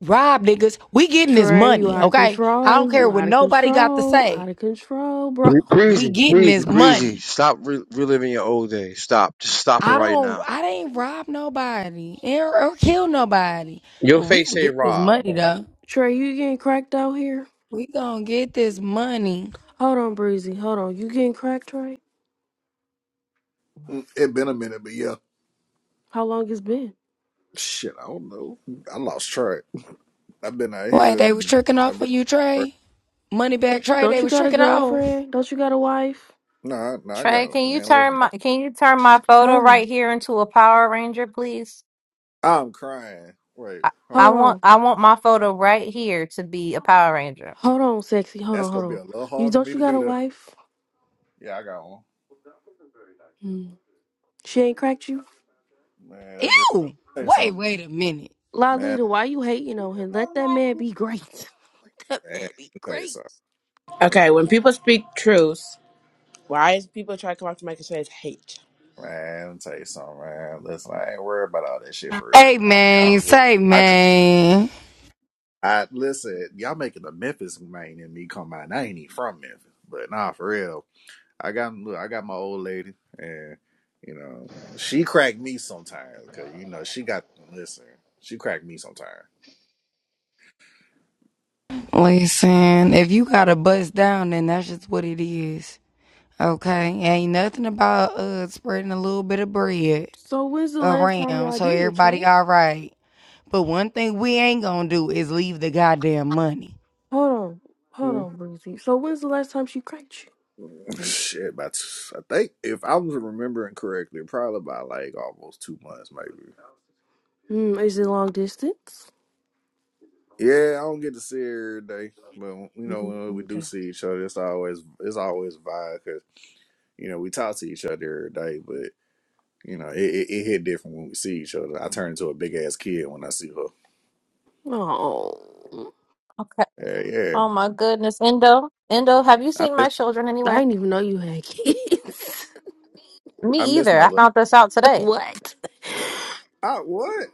[SPEAKER 3] rob niggas, we getting this
[SPEAKER 16] Trey, you
[SPEAKER 3] money.
[SPEAKER 16] out of
[SPEAKER 3] Okay, I
[SPEAKER 16] control.
[SPEAKER 3] don't care
[SPEAKER 16] You
[SPEAKER 3] what
[SPEAKER 16] out of
[SPEAKER 3] nobody got to
[SPEAKER 16] control. Out
[SPEAKER 3] say.
[SPEAKER 16] of control, bro.
[SPEAKER 5] Bree-
[SPEAKER 3] We
[SPEAKER 5] Breezy,
[SPEAKER 3] getting
[SPEAKER 5] breezy,
[SPEAKER 3] this
[SPEAKER 5] breezy.
[SPEAKER 3] money.
[SPEAKER 5] Stop re- reliving your old days. Stop. Just stop it
[SPEAKER 3] I
[SPEAKER 5] right
[SPEAKER 3] don't.
[SPEAKER 5] now.
[SPEAKER 3] I didn't rob nobody or, or kill nobody.
[SPEAKER 5] Your
[SPEAKER 3] But we
[SPEAKER 5] face
[SPEAKER 3] gonna get
[SPEAKER 5] ain't
[SPEAKER 3] this
[SPEAKER 5] Rob.
[SPEAKER 3] money though.
[SPEAKER 16] Trey, you getting cracked out here?
[SPEAKER 3] We gonna get this money.
[SPEAKER 16] Hold on, Breezy. Hold on. You getting cracked, Trey?
[SPEAKER 4] it been a minute, but yeah.
[SPEAKER 16] How long it's been?
[SPEAKER 4] Shit, I don't know. I lost track. I've been out
[SPEAKER 3] Like
[SPEAKER 4] here.
[SPEAKER 3] they was tricking
[SPEAKER 4] I've
[SPEAKER 3] off
[SPEAKER 4] been.
[SPEAKER 3] on you, Trey. Money back, Trey.
[SPEAKER 16] Don't
[SPEAKER 3] They
[SPEAKER 16] you
[SPEAKER 3] was
[SPEAKER 16] got a
[SPEAKER 3] tricking off.
[SPEAKER 16] girlfriend? Don't you got a wife?
[SPEAKER 4] Nah, nah. I
[SPEAKER 1] Trey,
[SPEAKER 4] got
[SPEAKER 1] can you
[SPEAKER 4] man.
[SPEAKER 1] turn
[SPEAKER 4] Listen, I,
[SPEAKER 1] my can you turn my photo
[SPEAKER 16] Hold on.
[SPEAKER 1] right here into a Power Ranger, please?
[SPEAKER 4] I'm crying. Wait,
[SPEAKER 1] I,
[SPEAKER 4] hold
[SPEAKER 1] I
[SPEAKER 4] on.
[SPEAKER 16] Hold
[SPEAKER 1] want
[SPEAKER 16] on.
[SPEAKER 1] I want my photo right here to be a Power Ranger.
[SPEAKER 16] Hold on, sexy. Hold
[SPEAKER 4] That's
[SPEAKER 16] on. Hold
[SPEAKER 4] gonna be
[SPEAKER 16] on.
[SPEAKER 4] a little
[SPEAKER 16] You
[SPEAKER 4] hard for
[SPEAKER 16] don't
[SPEAKER 4] me
[SPEAKER 16] you
[SPEAKER 4] to
[SPEAKER 16] got
[SPEAKER 4] do
[SPEAKER 16] a
[SPEAKER 4] that.
[SPEAKER 16] wife?
[SPEAKER 4] Yeah, I got one.
[SPEAKER 16] Hmm. She ain't cracked you?
[SPEAKER 4] Man, that girl.
[SPEAKER 3] Ew.
[SPEAKER 4] Tell you
[SPEAKER 3] Wait,
[SPEAKER 4] something,
[SPEAKER 3] wait a minute.
[SPEAKER 4] man.
[SPEAKER 16] Lolita, why you hating on him? Let that man be great. Let that
[SPEAKER 4] Man, let
[SPEAKER 16] man be
[SPEAKER 4] me tell you
[SPEAKER 16] great.
[SPEAKER 4] something.
[SPEAKER 11] Okay, when people speak truth, why is people try to come up to Mike and say it's hate?
[SPEAKER 4] Man, let me tell you something, man. Listen, I ain't worried about all that shit for real.
[SPEAKER 3] Hey
[SPEAKER 4] I'll be
[SPEAKER 3] man,
[SPEAKER 4] honest with
[SPEAKER 3] say
[SPEAKER 4] you. I I
[SPEAKER 3] man.
[SPEAKER 4] listen, y'all making the Memphis main in me come out. I ain't even from Memphis, but nah, for real. I got look, I got my old lady, and you know she cracked me sometimes because you know she got listen. She cracked me sometimes.
[SPEAKER 3] Listen, if you got to bust down, then that's just what it is. Okay, ain't nothing about uh spreading a little bit of bread
[SPEAKER 16] So when's the last time
[SPEAKER 3] around
[SPEAKER 16] y'all
[SPEAKER 3] so
[SPEAKER 16] did it, right?
[SPEAKER 3] everybody all right. But one thing we ain't gonna do is leave the goddamn money.
[SPEAKER 16] Hold on. Hold
[SPEAKER 4] Mm.
[SPEAKER 16] on, Breezy. So when's the last time she cranked
[SPEAKER 4] Shit, about I think if I was remembering correctly, probably about like almost two months, maybe.
[SPEAKER 16] you? Hmm, is it long distance?
[SPEAKER 4] Yeah, I don't get to see her every day, but you know
[SPEAKER 16] Mm,
[SPEAKER 4] when we do
[SPEAKER 16] Okay.
[SPEAKER 4] see each other, it's always it's always a vibe because you know we talk to each other every day, but you know it, it, it hit different when we see each other. I turn into a big ass kid when I see her.
[SPEAKER 16] Oh.
[SPEAKER 1] Okay.
[SPEAKER 4] Yeah, yeah.
[SPEAKER 1] Oh my goodness, Endo, Endo, have you
[SPEAKER 4] I
[SPEAKER 1] seen
[SPEAKER 4] miss
[SPEAKER 1] my children
[SPEAKER 16] I
[SPEAKER 1] anywhere?
[SPEAKER 16] didn't even know you had kids.
[SPEAKER 4] I
[SPEAKER 1] Me
[SPEAKER 4] miss
[SPEAKER 1] either.
[SPEAKER 4] my
[SPEAKER 1] I
[SPEAKER 4] little.
[SPEAKER 1] found this out today.
[SPEAKER 16] what?
[SPEAKER 4] Ah, what?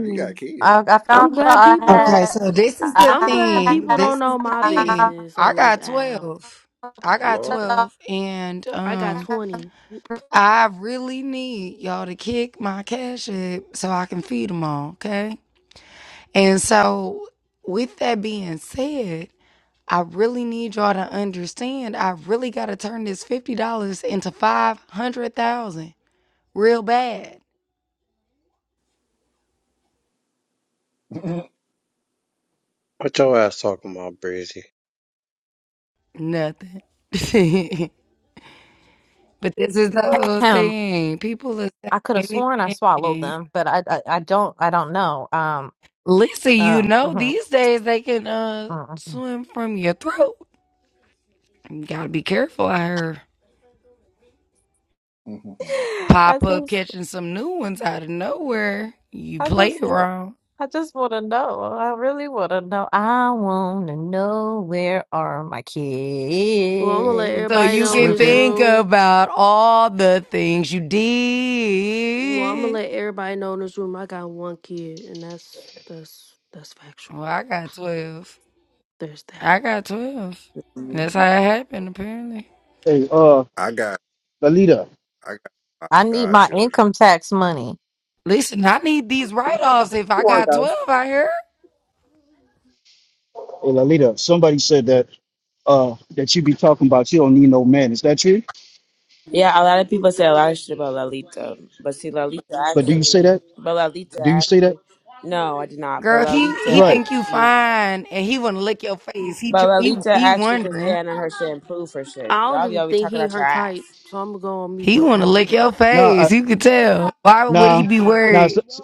[SPEAKER 4] You got kids,
[SPEAKER 1] I, I
[SPEAKER 16] I'm
[SPEAKER 1] found out
[SPEAKER 16] glad people
[SPEAKER 3] Okay,
[SPEAKER 16] don't
[SPEAKER 1] I had.
[SPEAKER 3] so this is the
[SPEAKER 16] I'm glad
[SPEAKER 1] I
[SPEAKER 16] people
[SPEAKER 3] thing.
[SPEAKER 16] don't
[SPEAKER 3] This is
[SPEAKER 16] know
[SPEAKER 3] the
[SPEAKER 16] my
[SPEAKER 3] thing.
[SPEAKER 1] had
[SPEAKER 16] business
[SPEAKER 3] I
[SPEAKER 16] on this
[SPEAKER 3] got
[SPEAKER 16] app.
[SPEAKER 3] 12. I got
[SPEAKER 4] Lord?
[SPEAKER 3] 12 and
[SPEAKER 16] I got
[SPEAKER 3] um
[SPEAKER 16] twenty.
[SPEAKER 3] I really need y'all to kick my cash up so I can feed them all, okay? And so with that being said, I really need y'all to understand I really got to turn this $50 into 500,000 real bad.
[SPEAKER 5] What your ass talking about, Breezy?
[SPEAKER 3] Nothing. But this is the whole
[SPEAKER 1] Ahem.
[SPEAKER 3] thing. People are
[SPEAKER 1] I could have
[SPEAKER 3] saying
[SPEAKER 1] sworn I swallowed
[SPEAKER 3] anything.
[SPEAKER 1] them, but I, I I don't I don't know. Um.
[SPEAKER 3] Listen, you
[SPEAKER 1] Uh.
[SPEAKER 3] know,
[SPEAKER 1] mhm,
[SPEAKER 3] these days they can uh
[SPEAKER 1] mhm.
[SPEAKER 3] swim from your throat. You gotta be careful. I heard
[SPEAKER 1] I
[SPEAKER 3] pop up
[SPEAKER 1] see.
[SPEAKER 3] catching some new ones out of nowhere. You
[SPEAKER 1] I
[SPEAKER 3] play
[SPEAKER 1] just,
[SPEAKER 3] it
[SPEAKER 1] wa-
[SPEAKER 3] wrong.
[SPEAKER 1] I just want to know. I really want to know. I want to know where are my
[SPEAKER 16] Well, I'm gonna let
[SPEAKER 3] So
[SPEAKER 16] everybody
[SPEAKER 1] kids?
[SPEAKER 3] you
[SPEAKER 16] know in
[SPEAKER 3] can
[SPEAKER 16] this
[SPEAKER 4] Swimming.
[SPEAKER 3] think
[SPEAKER 16] room.
[SPEAKER 3] about all the things you
[SPEAKER 16] Well, I'm gonna
[SPEAKER 3] did.
[SPEAKER 16] let everybody know in this room I got one kid, and that's that's that's
[SPEAKER 3] Well,
[SPEAKER 16] factual.
[SPEAKER 3] I got
[SPEAKER 16] So
[SPEAKER 3] 12.
[SPEAKER 16] there's that.
[SPEAKER 3] I got 12. That's how it happened, apparently.
[SPEAKER 18] Hey, uh,
[SPEAKER 4] I got
[SPEAKER 18] Lalita,
[SPEAKER 4] I got my
[SPEAKER 1] I need my
[SPEAKER 4] godchildren.
[SPEAKER 1] income tax money.
[SPEAKER 3] Listen, I need these write offs if I
[SPEAKER 11] You want
[SPEAKER 3] got
[SPEAKER 11] those?
[SPEAKER 3] 12 out here.
[SPEAKER 18] hey, Lalita, somebody said that uh that you be talking about you don't need no man. Is that true?
[SPEAKER 11] Yeah, a lot of people say a lot of shit about Lalita, but see, Lalita
[SPEAKER 18] But do you say
[SPEAKER 11] actually,
[SPEAKER 18] that?
[SPEAKER 11] but Lalita
[SPEAKER 18] Do you say that?
[SPEAKER 11] actually, no, I did not. But
[SPEAKER 3] Girl, he
[SPEAKER 11] Lalita
[SPEAKER 3] he
[SPEAKER 18] Right.
[SPEAKER 3] think you
[SPEAKER 11] actually
[SPEAKER 3] fine, and he wanna lick your face. He tr-
[SPEAKER 11] But
[SPEAKER 3] he
[SPEAKER 11] Alita
[SPEAKER 3] he
[SPEAKER 11] actually can
[SPEAKER 3] wondering.
[SPEAKER 11] stand on her shit and prove her shit.
[SPEAKER 16] I don't
[SPEAKER 11] Y'all be
[SPEAKER 16] even
[SPEAKER 11] always
[SPEAKER 16] think
[SPEAKER 11] talking
[SPEAKER 16] he
[SPEAKER 11] out your
[SPEAKER 16] her
[SPEAKER 11] ass.
[SPEAKER 16] type, so I'm gonna go on mute
[SPEAKER 3] He
[SPEAKER 16] with
[SPEAKER 3] wanna
[SPEAKER 16] that
[SPEAKER 3] lick
[SPEAKER 16] one.
[SPEAKER 3] your
[SPEAKER 18] Now, I,
[SPEAKER 3] face. You can tell. Why would he
[SPEAKER 18] now,
[SPEAKER 3] be
[SPEAKER 18] now, s-
[SPEAKER 3] worried?
[SPEAKER 18] s-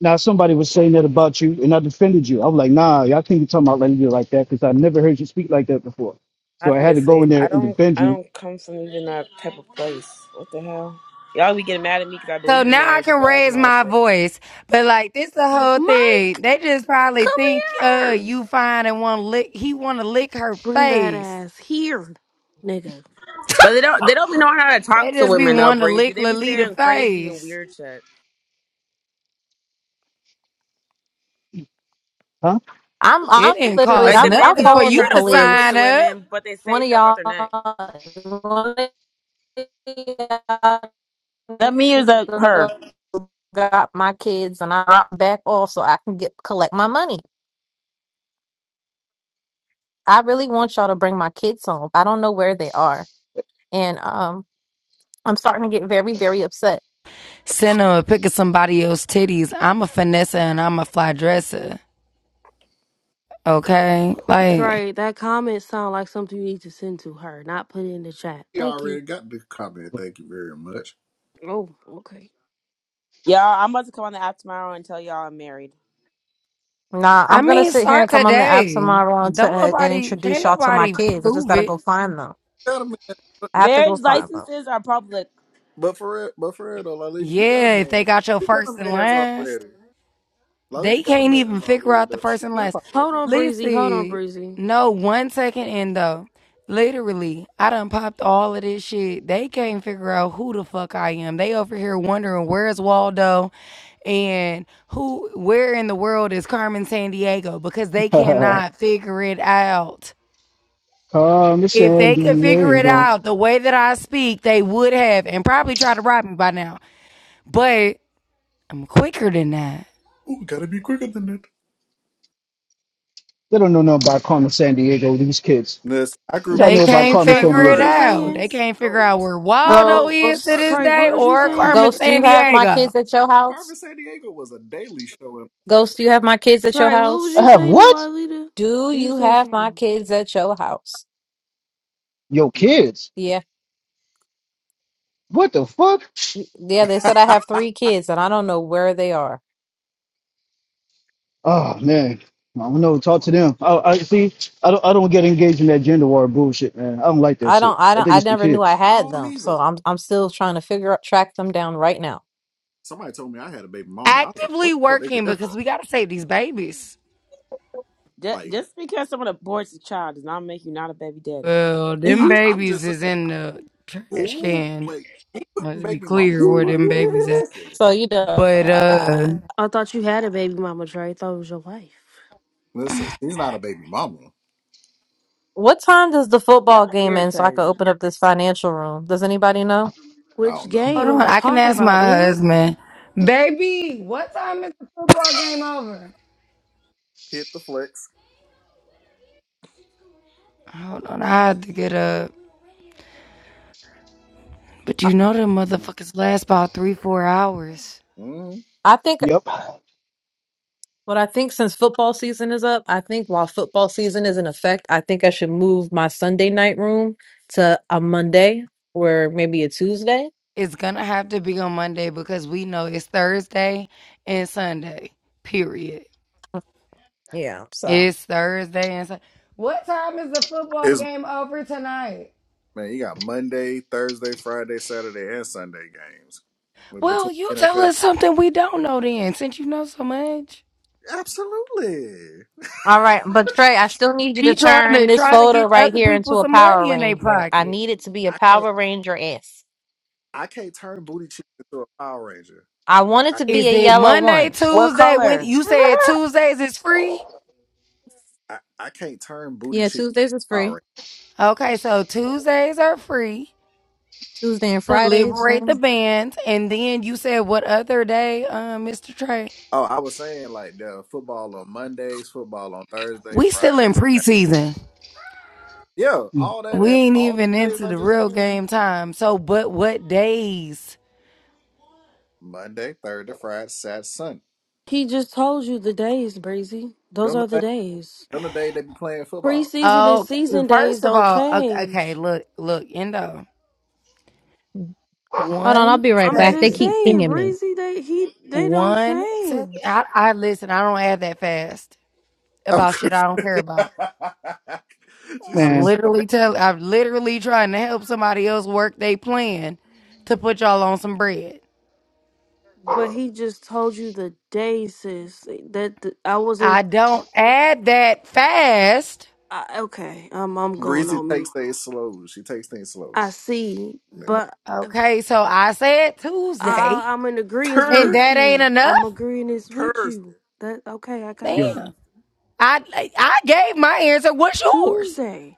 [SPEAKER 18] now, somebody was saying that about you, and I defended you. I was like, nah, y'all can't be talking about Lalita like that because I never heard you speak like that before. So I had to go
[SPEAKER 11] Obviously,
[SPEAKER 18] in there
[SPEAKER 11] I
[SPEAKER 18] and
[SPEAKER 11] don't.
[SPEAKER 18] defend
[SPEAKER 11] I
[SPEAKER 18] you,
[SPEAKER 11] don't come from even that type of place. What the hell? Y'all be getting mad at me because I
[SPEAKER 3] So
[SPEAKER 11] believe in
[SPEAKER 3] now I
[SPEAKER 11] marriage and
[SPEAKER 3] can
[SPEAKER 11] love and
[SPEAKER 3] raise
[SPEAKER 11] all that
[SPEAKER 3] my
[SPEAKER 11] shit.
[SPEAKER 3] voice, but like this the whole
[SPEAKER 16] Mike,
[SPEAKER 3] thing. They just probably
[SPEAKER 16] come
[SPEAKER 3] think uh
[SPEAKER 16] here.
[SPEAKER 3] you fine and want to lick. He want to lick her
[SPEAKER 16] Bring that
[SPEAKER 3] face.
[SPEAKER 16] ass here, nigga.
[SPEAKER 11] But they don't. They don't be knowing how to
[SPEAKER 3] They
[SPEAKER 11] talk to
[SPEAKER 3] just be
[SPEAKER 11] women though,
[SPEAKER 3] wanting to
[SPEAKER 11] breezy.
[SPEAKER 3] lick
[SPEAKER 11] They be
[SPEAKER 3] Lolita
[SPEAKER 11] saying crazy and
[SPEAKER 3] face.
[SPEAKER 11] weird shit.
[SPEAKER 18] huh?
[SPEAKER 1] I'm,
[SPEAKER 3] It
[SPEAKER 1] I'm
[SPEAKER 3] didn't
[SPEAKER 1] literally,
[SPEAKER 11] Like
[SPEAKER 3] cost
[SPEAKER 11] the
[SPEAKER 1] I'm,
[SPEAKER 11] men
[SPEAKER 1] I'm
[SPEAKER 11] be
[SPEAKER 3] nothing
[SPEAKER 11] over
[SPEAKER 3] for
[SPEAKER 11] here
[SPEAKER 1] calling the
[SPEAKER 3] you
[SPEAKER 11] trying to
[SPEAKER 3] to
[SPEAKER 11] flirt with
[SPEAKER 1] police.
[SPEAKER 3] sign
[SPEAKER 11] the
[SPEAKER 3] up.
[SPEAKER 11] women, but they
[SPEAKER 1] One
[SPEAKER 11] say
[SPEAKER 1] of
[SPEAKER 11] stuff off
[SPEAKER 1] y'all,
[SPEAKER 11] their neck.
[SPEAKER 1] one of y'all
[SPEAKER 11] That me is a her.
[SPEAKER 1] got my kids and I drop back off so I can get collect my money. I really want y'all to bring my kids home. I don't know where they are. And um I'm starting to get very, very upset.
[SPEAKER 3] Send him a pick of somebody else's titties. I'm a finesse and I'm a fly dresser. Okay. Like,
[SPEAKER 16] Trey, that comment sound like something you need to send to her, not put it in the chat.
[SPEAKER 4] He
[SPEAKER 16] Thank you.
[SPEAKER 4] already got the comment. Thank you very much.
[SPEAKER 16] Oh, okay.
[SPEAKER 11] Y'all, I'm about to come on the app tomorrow and tell y'all I'm married.
[SPEAKER 1] Nah, I'm
[SPEAKER 3] I
[SPEAKER 1] gonna
[SPEAKER 3] mean,
[SPEAKER 1] sit here and
[SPEAKER 3] start
[SPEAKER 1] come on the app
[SPEAKER 3] today.
[SPEAKER 1] tomorrow and, to,
[SPEAKER 3] Don't
[SPEAKER 1] and
[SPEAKER 3] nobody,
[SPEAKER 1] introduce
[SPEAKER 3] can't
[SPEAKER 1] y'all to my
[SPEAKER 3] nobody
[SPEAKER 1] kids. I just
[SPEAKER 3] prove
[SPEAKER 1] gotta
[SPEAKER 3] it.
[SPEAKER 1] go find them.
[SPEAKER 4] Got a man.
[SPEAKER 1] I have to go
[SPEAKER 11] Marriage
[SPEAKER 1] find them.
[SPEAKER 11] licenses are public.
[SPEAKER 4] But for it, but for it, though, Lalita, you got a
[SPEAKER 3] Yeah, if they
[SPEAKER 4] man.
[SPEAKER 3] got your
[SPEAKER 4] You got a
[SPEAKER 3] first and
[SPEAKER 4] man's already.
[SPEAKER 3] last,
[SPEAKER 4] Lalita
[SPEAKER 3] they
[SPEAKER 4] got a
[SPEAKER 3] can't even
[SPEAKER 4] man's
[SPEAKER 3] figure
[SPEAKER 4] already
[SPEAKER 3] out the
[SPEAKER 4] though. She
[SPEAKER 3] first and
[SPEAKER 4] could
[SPEAKER 3] last.
[SPEAKER 4] pop up
[SPEAKER 16] Hold on,
[SPEAKER 4] married.
[SPEAKER 16] Breezy. Hold on,
[SPEAKER 3] Listen,
[SPEAKER 16] Breezy.
[SPEAKER 3] no one second in though. Literally, I done popped all of this shit. They can't figure out who the fuck I am. They over here wondering where's Waldo and who, where in the world is Carmen San Diego because they cannot figure it out.
[SPEAKER 18] Carmen
[SPEAKER 3] If
[SPEAKER 18] San
[SPEAKER 3] they could figure it
[SPEAKER 18] Diego.
[SPEAKER 3] out the way that I speak, they would have and probably try to rob me by now. But I'm quicker than that.
[SPEAKER 4] Ooh, gotta be quicker than that.
[SPEAKER 18] They don't know nothing about Carmen San Diego. These kids.
[SPEAKER 4] Listen, I grew
[SPEAKER 18] Y'all
[SPEAKER 3] They
[SPEAKER 18] know about
[SPEAKER 3] can't
[SPEAKER 18] Carmen
[SPEAKER 16] Trey,
[SPEAKER 18] San
[SPEAKER 3] figure
[SPEAKER 16] what was
[SPEAKER 3] it
[SPEAKER 4] boy
[SPEAKER 16] you
[SPEAKER 18] Diego.
[SPEAKER 3] out. They
[SPEAKER 16] saying?
[SPEAKER 4] goes
[SPEAKER 3] can't figure out
[SPEAKER 4] goes.
[SPEAKER 3] where
[SPEAKER 4] I'm
[SPEAKER 16] Hold
[SPEAKER 4] about
[SPEAKER 3] Waldo is
[SPEAKER 16] on,
[SPEAKER 4] I'm
[SPEAKER 3] to
[SPEAKER 4] about to
[SPEAKER 1] Ghost,
[SPEAKER 3] this
[SPEAKER 16] Trey.
[SPEAKER 4] be
[SPEAKER 16] What
[SPEAKER 3] day
[SPEAKER 16] was you
[SPEAKER 3] or
[SPEAKER 4] 35,
[SPEAKER 16] saying?
[SPEAKER 4] man.
[SPEAKER 3] Carmen
[SPEAKER 1] Ghost, do
[SPEAKER 3] San
[SPEAKER 1] you have my
[SPEAKER 3] Diego.
[SPEAKER 1] kids at your
[SPEAKER 4] Harvey
[SPEAKER 1] house?
[SPEAKER 4] San Diego was a daily show. In-
[SPEAKER 1] Ghost, do you have my kids at your
[SPEAKER 16] Trey, what was
[SPEAKER 1] house?
[SPEAKER 16] you
[SPEAKER 18] I have
[SPEAKER 16] saying to
[SPEAKER 18] what?
[SPEAKER 16] Lolita?
[SPEAKER 1] Do
[SPEAKER 16] You
[SPEAKER 1] you
[SPEAKER 16] say
[SPEAKER 1] have my
[SPEAKER 16] something.
[SPEAKER 1] kids at your house?
[SPEAKER 18] Yo,
[SPEAKER 4] do, do.
[SPEAKER 18] kids.
[SPEAKER 1] Yeah.
[SPEAKER 18] What the fuck?
[SPEAKER 1] Yeah, they said I have
[SPEAKER 4] I'm
[SPEAKER 1] three kids and I don't know where they are.
[SPEAKER 18] Oh man, I don't know. Talk
[SPEAKER 4] like,
[SPEAKER 18] to them. I, I see. I don't. I don't get engaged in that gender war bullshit, man. I don't like that
[SPEAKER 1] I
[SPEAKER 18] shit.
[SPEAKER 1] don't I
[SPEAKER 18] I
[SPEAKER 1] don't
[SPEAKER 18] think
[SPEAKER 1] I
[SPEAKER 18] it's for
[SPEAKER 1] never knew I
[SPEAKER 18] kids.
[SPEAKER 4] I
[SPEAKER 1] had
[SPEAKER 4] don't
[SPEAKER 1] them.
[SPEAKER 4] either.
[SPEAKER 1] So I'm I'm still trying to figure out track them down right now.
[SPEAKER 4] Somebody told me I had a baby mama. I was like, where
[SPEAKER 3] Actively
[SPEAKER 4] the fuck they get
[SPEAKER 3] working
[SPEAKER 4] that from?
[SPEAKER 3] because we gotta save these babies.
[SPEAKER 11] Ju-
[SPEAKER 4] Like,
[SPEAKER 11] Just because someone aborts a child does not make you not a baby daddy.
[SPEAKER 3] Well, them
[SPEAKER 4] I, I'm
[SPEAKER 3] babies
[SPEAKER 4] just
[SPEAKER 3] is
[SPEAKER 4] saying.
[SPEAKER 3] in the trash
[SPEAKER 4] Ooh,
[SPEAKER 3] can.
[SPEAKER 4] wait, who putting
[SPEAKER 3] Let's be
[SPEAKER 4] baby mamas
[SPEAKER 3] clear
[SPEAKER 4] on
[SPEAKER 3] where
[SPEAKER 4] my
[SPEAKER 3] them
[SPEAKER 4] on my
[SPEAKER 3] babies at.
[SPEAKER 4] outfit?
[SPEAKER 1] So you know,
[SPEAKER 3] But uh
[SPEAKER 1] I,
[SPEAKER 16] I thought you had a baby mama, Trey. I thought it was your wife.
[SPEAKER 4] Listen, she's not a baby mama.
[SPEAKER 1] What time does the
[SPEAKER 11] Y'all
[SPEAKER 1] football game end so I can open
[SPEAKER 11] irritating.
[SPEAKER 1] up this financial room? Does anybody know?
[SPEAKER 4] I
[SPEAKER 16] Which
[SPEAKER 4] don't know.
[SPEAKER 3] hold
[SPEAKER 16] game are
[SPEAKER 3] on,
[SPEAKER 16] you
[SPEAKER 3] I can
[SPEAKER 16] talking
[SPEAKER 3] ask
[SPEAKER 16] about,
[SPEAKER 3] my
[SPEAKER 16] ma'am?
[SPEAKER 3] husband. Baby, what time is the football game over?
[SPEAKER 4] Hit the flex.
[SPEAKER 3] Hold on, I had to get up. But
[SPEAKER 1] I,
[SPEAKER 3] you know them motherfuckers last about three, four hours.
[SPEAKER 4] Mm.
[SPEAKER 1] I think
[SPEAKER 18] Yep.
[SPEAKER 1] what I think since football season is up, I think while football season is in effect, I think I should move my Sunday night room to a Monday or maybe a Tuesday.
[SPEAKER 3] It's gonna have to be on Monday because we know it's Thursday and Sunday. Period.
[SPEAKER 1] Yeah, so.
[SPEAKER 3] It's Thursday and Sunday. What time is the football
[SPEAKER 4] Is
[SPEAKER 3] game over tonight?
[SPEAKER 4] man, you got Monday, Thursday, Friday, Saturday, and Sunday games with between
[SPEAKER 3] Well, you tell
[SPEAKER 4] NFL.
[SPEAKER 3] us something we don't know then, since you know so much.
[SPEAKER 4] Absolutely.
[SPEAKER 1] All right, but Trey, I still need you
[SPEAKER 3] She
[SPEAKER 1] to
[SPEAKER 3] trying
[SPEAKER 1] turn
[SPEAKER 3] to
[SPEAKER 1] this
[SPEAKER 3] try to
[SPEAKER 1] photo
[SPEAKER 3] get
[SPEAKER 1] right
[SPEAKER 3] other
[SPEAKER 1] here into
[SPEAKER 3] people
[SPEAKER 1] a
[SPEAKER 3] some
[SPEAKER 1] Power
[SPEAKER 3] money in their
[SPEAKER 1] Ranger. I
[SPEAKER 3] pocket.
[SPEAKER 1] need it to be a
[SPEAKER 4] I can't.
[SPEAKER 1] Power Ranger S.
[SPEAKER 4] I can't turn booty cheek into a Power Ranger.
[SPEAKER 1] I want it
[SPEAKER 4] I
[SPEAKER 1] to be
[SPEAKER 3] Is
[SPEAKER 1] a
[SPEAKER 3] it
[SPEAKER 1] yellow
[SPEAKER 3] Monday,
[SPEAKER 1] one.
[SPEAKER 11] What
[SPEAKER 3] Tuesday? When
[SPEAKER 11] color?
[SPEAKER 3] you said Tuesdays is free?
[SPEAKER 4] I, I can't turn booty
[SPEAKER 1] Yeah,
[SPEAKER 4] cheek
[SPEAKER 1] Tuesdays is
[SPEAKER 4] into a Power
[SPEAKER 1] free.
[SPEAKER 4] Ranger.
[SPEAKER 3] Okay, so Tuesdays are free
[SPEAKER 1] Tuesday and
[SPEAKER 3] to
[SPEAKER 1] Fridays
[SPEAKER 3] liberate the
[SPEAKER 1] then.
[SPEAKER 3] bands, and then you said what other day, uh, Mr. Trey?
[SPEAKER 4] Oh, I was saying like the football on Mondays, football on Thursday,
[SPEAKER 3] We still
[SPEAKER 4] Friday,
[SPEAKER 3] in
[SPEAKER 4] Saturday.
[SPEAKER 3] preseason.
[SPEAKER 4] Yeah,
[SPEAKER 18] Mm,
[SPEAKER 4] all that
[SPEAKER 3] We
[SPEAKER 4] app,
[SPEAKER 3] ain't
[SPEAKER 4] all the
[SPEAKER 3] even
[SPEAKER 4] days
[SPEAKER 3] into
[SPEAKER 4] I
[SPEAKER 3] the
[SPEAKER 4] just
[SPEAKER 3] real
[SPEAKER 4] named.
[SPEAKER 3] game time. So, but what days?
[SPEAKER 4] Monday, Thursday, Friday, Saturday, Sunday.
[SPEAKER 16] He just told you the days, Breezy. Those
[SPEAKER 4] Don't the
[SPEAKER 16] are the
[SPEAKER 4] day,
[SPEAKER 16] days.
[SPEAKER 4] don't the day they be playing football.
[SPEAKER 16] Preseason and
[SPEAKER 3] Oh,
[SPEAKER 16] season days
[SPEAKER 3] first of
[SPEAKER 16] don't
[SPEAKER 3] all, okay, okay,
[SPEAKER 16] change.
[SPEAKER 3] look, look, Endo.
[SPEAKER 1] Hold on, I'll
[SPEAKER 3] One
[SPEAKER 1] be right
[SPEAKER 16] I'm
[SPEAKER 1] back. They
[SPEAKER 16] just
[SPEAKER 3] second,
[SPEAKER 1] keep
[SPEAKER 16] saying,
[SPEAKER 1] pinging me.
[SPEAKER 16] Breezy, they he they don't
[SPEAKER 3] one second.
[SPEAKER 16] change.
[SPEAKER 3] I, I listen. I don't add that fast about shit I don't care about.
[SPEAKER 4] she
[SPEAKER 3] I'm
[SPEAKER 4] said,
[SPEAKER 18] Man,
[SPEAKER 4] "Sure."
[SPEAKER 3] literally tell I'm literally trying to help somebody else work their plan to put y'all on some bread.
[SPEAKER 16] But he just told you the days, sis. That the, I wasn't.
[SPEAKER 3] I don't add that fast.
[SPEAKER 16] I, okay, I'm I'm going
[SPEAKER 4] Breezy
[SPEAKER 16] on
[SPEAKER 4] takes
[SPEAKER 16] mute.
[SPEAKER 4] things slow. She takes things slow.
[SPEAKER 16] I see, but uh,
[SPEAKER 3] Okay, so I said Tuesday,
[SPEAKER 16] I, I'm in agreement
[SPEAKER 3] and
[SPEAKER 16] with
[SPEAKER 3] that
[SPEAKER 4] Thursday,
[SPEAKER 3] ain't
[SPEAKER 16] you.
[SPEAKER 3] enough.
[SPEAKER 16] I'm agreeing this with you.
[SPEAKER 4] Thursday,
[SPEAKER 16] That okay? I got
[SPEAKER 4] Thursday.
[SPEAKER 18] yo,
[SPEAKER 16] you.
[SPEAKER 3] Damn. I I gave my answer. What's yours?
[SPEAKER 16] Tuesday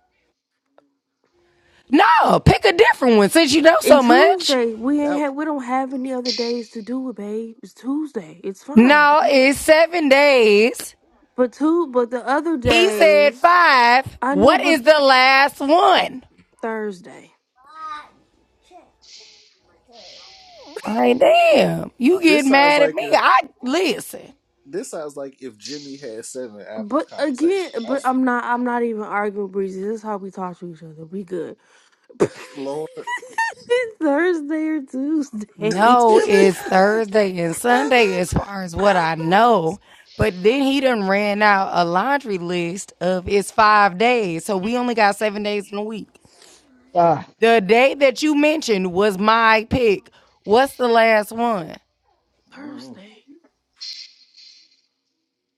[SPEAKER 3] No, pick a different one since you know
[SPEAKER 16] and
[SPEAKER 3] so much.
[SPEAKER 16] Tuesday we ain't
[SPEAKER 4] That
[SPEAKER 16] had we don't have any other days to do it, babe. It's Tuesday. It's fine.
[SPEAKER 3] No,
[SPEAKER 16] We, we
[SPEAKER 3] it's seven days.
[SPEAKER 16] but two but the other
[SPEAKER 3] He said
[SPEAKER 16] days
[SPEAKER 3] five.
[SPEAKER 16] I know,
[SPEAKER 3] What
[SPEAKER 16] but
[SPEAKER 3] is the last one?
[SPEAKER 16] Thursday.
[SPEAKER 3] All right, damn. You get
[SPEAKER 4] this sounds
[SPEAKER 3] mad at
[SPEAKER 4] like
[SPEAKER 3] me.
[SPEAKER 4] if
[SPEAKER 3] I listen.
[SPEAKER 4] this sounds like if Jimmy had seven apples
[SPEAKER 16] But
[SPEAKER 4] conversation.
[SPEAKER 16] again,
[SPEAKER 4] I
[SPEAKER 16] but
[SPEAKER 4] s-
[SPEAKER 16] I'm not. I'm not even arguing, breezy. This is how we talk to each other. We good.
[SPEAKER 4] Lord,
[SPEAKER 16] It's Thursday or Tuesday.
[SPEAKER 4] If
[SPEAKER 3] No,
[SPEAKER 4] Jimmy
[SPEAKER 3] it's
[SPEAKER 4] had
[SPEAKER 3] Thursday and Sunday
[SPEAKER 4] seven
[SPEAKER 3] as far as what I
[SPEAKER 4] apples,
[SPEAKER 3] know. But then he done ran out a laundry list of it's five days. So we only got seven days in a week.
[SPEAKER 18] ah,
[SPEAKER 3] The day that you mentioned was my pick. What's the last one?
[SPEAKER 4] Mm,
[SPEAKER 16] Thursday.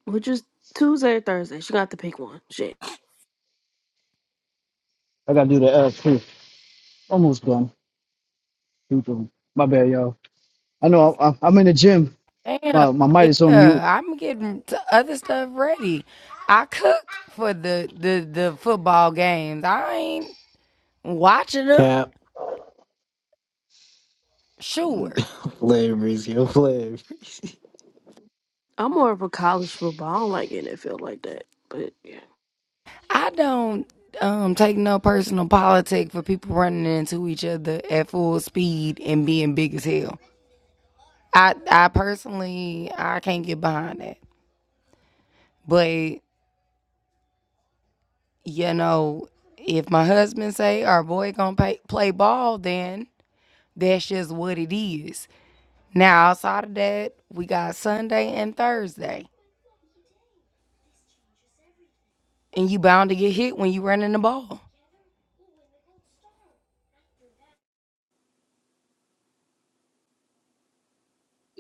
[SPEAKER 16] Which is Tuesday or Thursday. She got to pick one. Shit.
[SPEAKER 18] I gotta do the ass. too. Almost done. Too done. My bad, y'all. I
[SPEAKER 4] mm,
[SPEAKER 18] know I, I, I'm in the gym.
[SPEAKER 3] Damn.
[SPEAKER 18] My my mic is on mute.
[SPEAKER 3] Yeah. I'm getting t- other stuff ready. I cook for the, the, the football games. I ain't watching them.
[SPEAKER 19] Cap,
[SPEAKER 4] mm.
[SPEAKER 3] Sure.
[SPEAKER 19] flavors, yo, flavors.
[SPEAKER 16] I'm more of a college football. I don't like NFL like that. But yeah.
[SPEAKER 3] I don't um, take no personal politic for people running into each other at full speed and being big as hell. I I personally I can't get behind that. But you know, if my husband say our boy gonna pay, play ball, then that's just what it is. Now outside of that, we got Sunday and Thursday, and you bound to get hit when you running the ball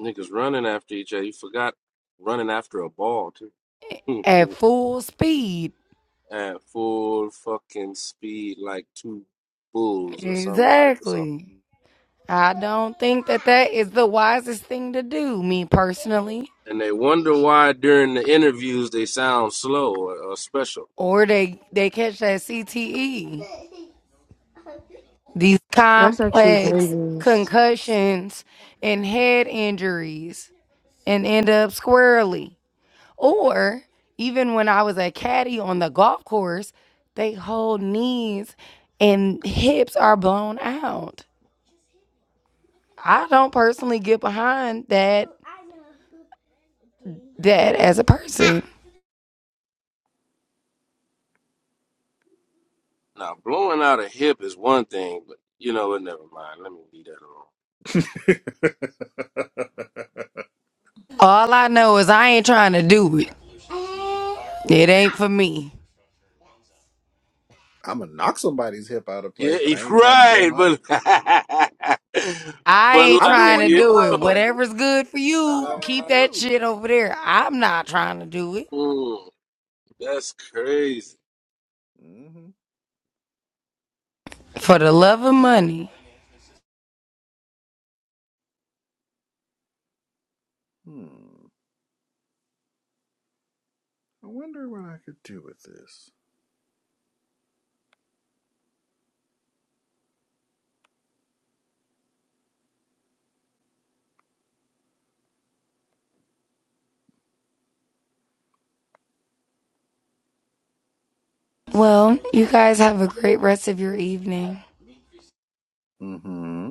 [SPEAKER 20] Niggas running after each other. You forgot running after a ball too.
[SPEAKER 3] at full speed.
[SPEAKER 20] At full fucking speed, like two bulls or some type of something.
[SPEAKER 3] Exactly. I don't think that that is the wisest thing to do, me personally.
[SPEAKER 20] And they wonder why during the interviews they sound slow or, or special.
[SPEAKER 3] Or they they catch that CTE, these
[SPEAKER 16] That's actually
[SPEAKER 3] complex
[SPEAKER 16] dangerous.
[SPEAKER 3] concussions and head injuries, and end up squarely. Or even when I was a caddy on the golf course, they hold knees and hips are blown out. I don't personally get behind that that as a person.
[SPEAKER 20] Now blowing out a hip is one thing, but you know what? Never mind. Let me leave that alone.
[SPEAKER 3] All I know is I ain't trying to do it. It ain't for me.
[SPEAKER 4] I'm gonna knock somebody's hip out of
[SPEAKER 20] Yeah,
[SPEAKER 4] place, but I
[SPEAKER 20] it's
[SPEAKER 4] ain't trying to blow
[SPEAKER 20] right,
[SPEAKER 4] mine.
[SPEAKER 20] but
[SPEAKER 3] I
[SPEAKER 20] but
[SPEAKER 3] ain't
[SPEAKER 4] I
[SPEAKER 20] like
[SPEAKER 4] knew
[SPEAKER 3] trying
[SPEAKER 4] where
[SPEAKER 3] to
[SPEAKER 4] you were
[SPEAKER 3] do it.
[SPEAKER 4] going,
[SPEAKER 20] yo,
[SPEAKER 4] Michael.
[SPEAKER 3] Whatever's good for
[SPEAKER 4] I
[SPEAKER 3] you,
[SPEAKER 4] already
[SPEAKER 3] keep
[SPEAKER 20] uh,
[SPEAKER 3] that
[SPEAKER 4] knew.
[SPEAKER 3] shit over there. I'm not trying to do it.
[SPEAKER 20] mm, that's crazy.
[SPEAKER 4] Mm-hmm.
[SPEAKER 3] For the love of money.
[SPEAKER 4] Hmm. I wonder what I could do with this.
[SPEAKER 3] Well, you guys have a great rest of your evening.
[SPEAKER 4] Mm-hmm.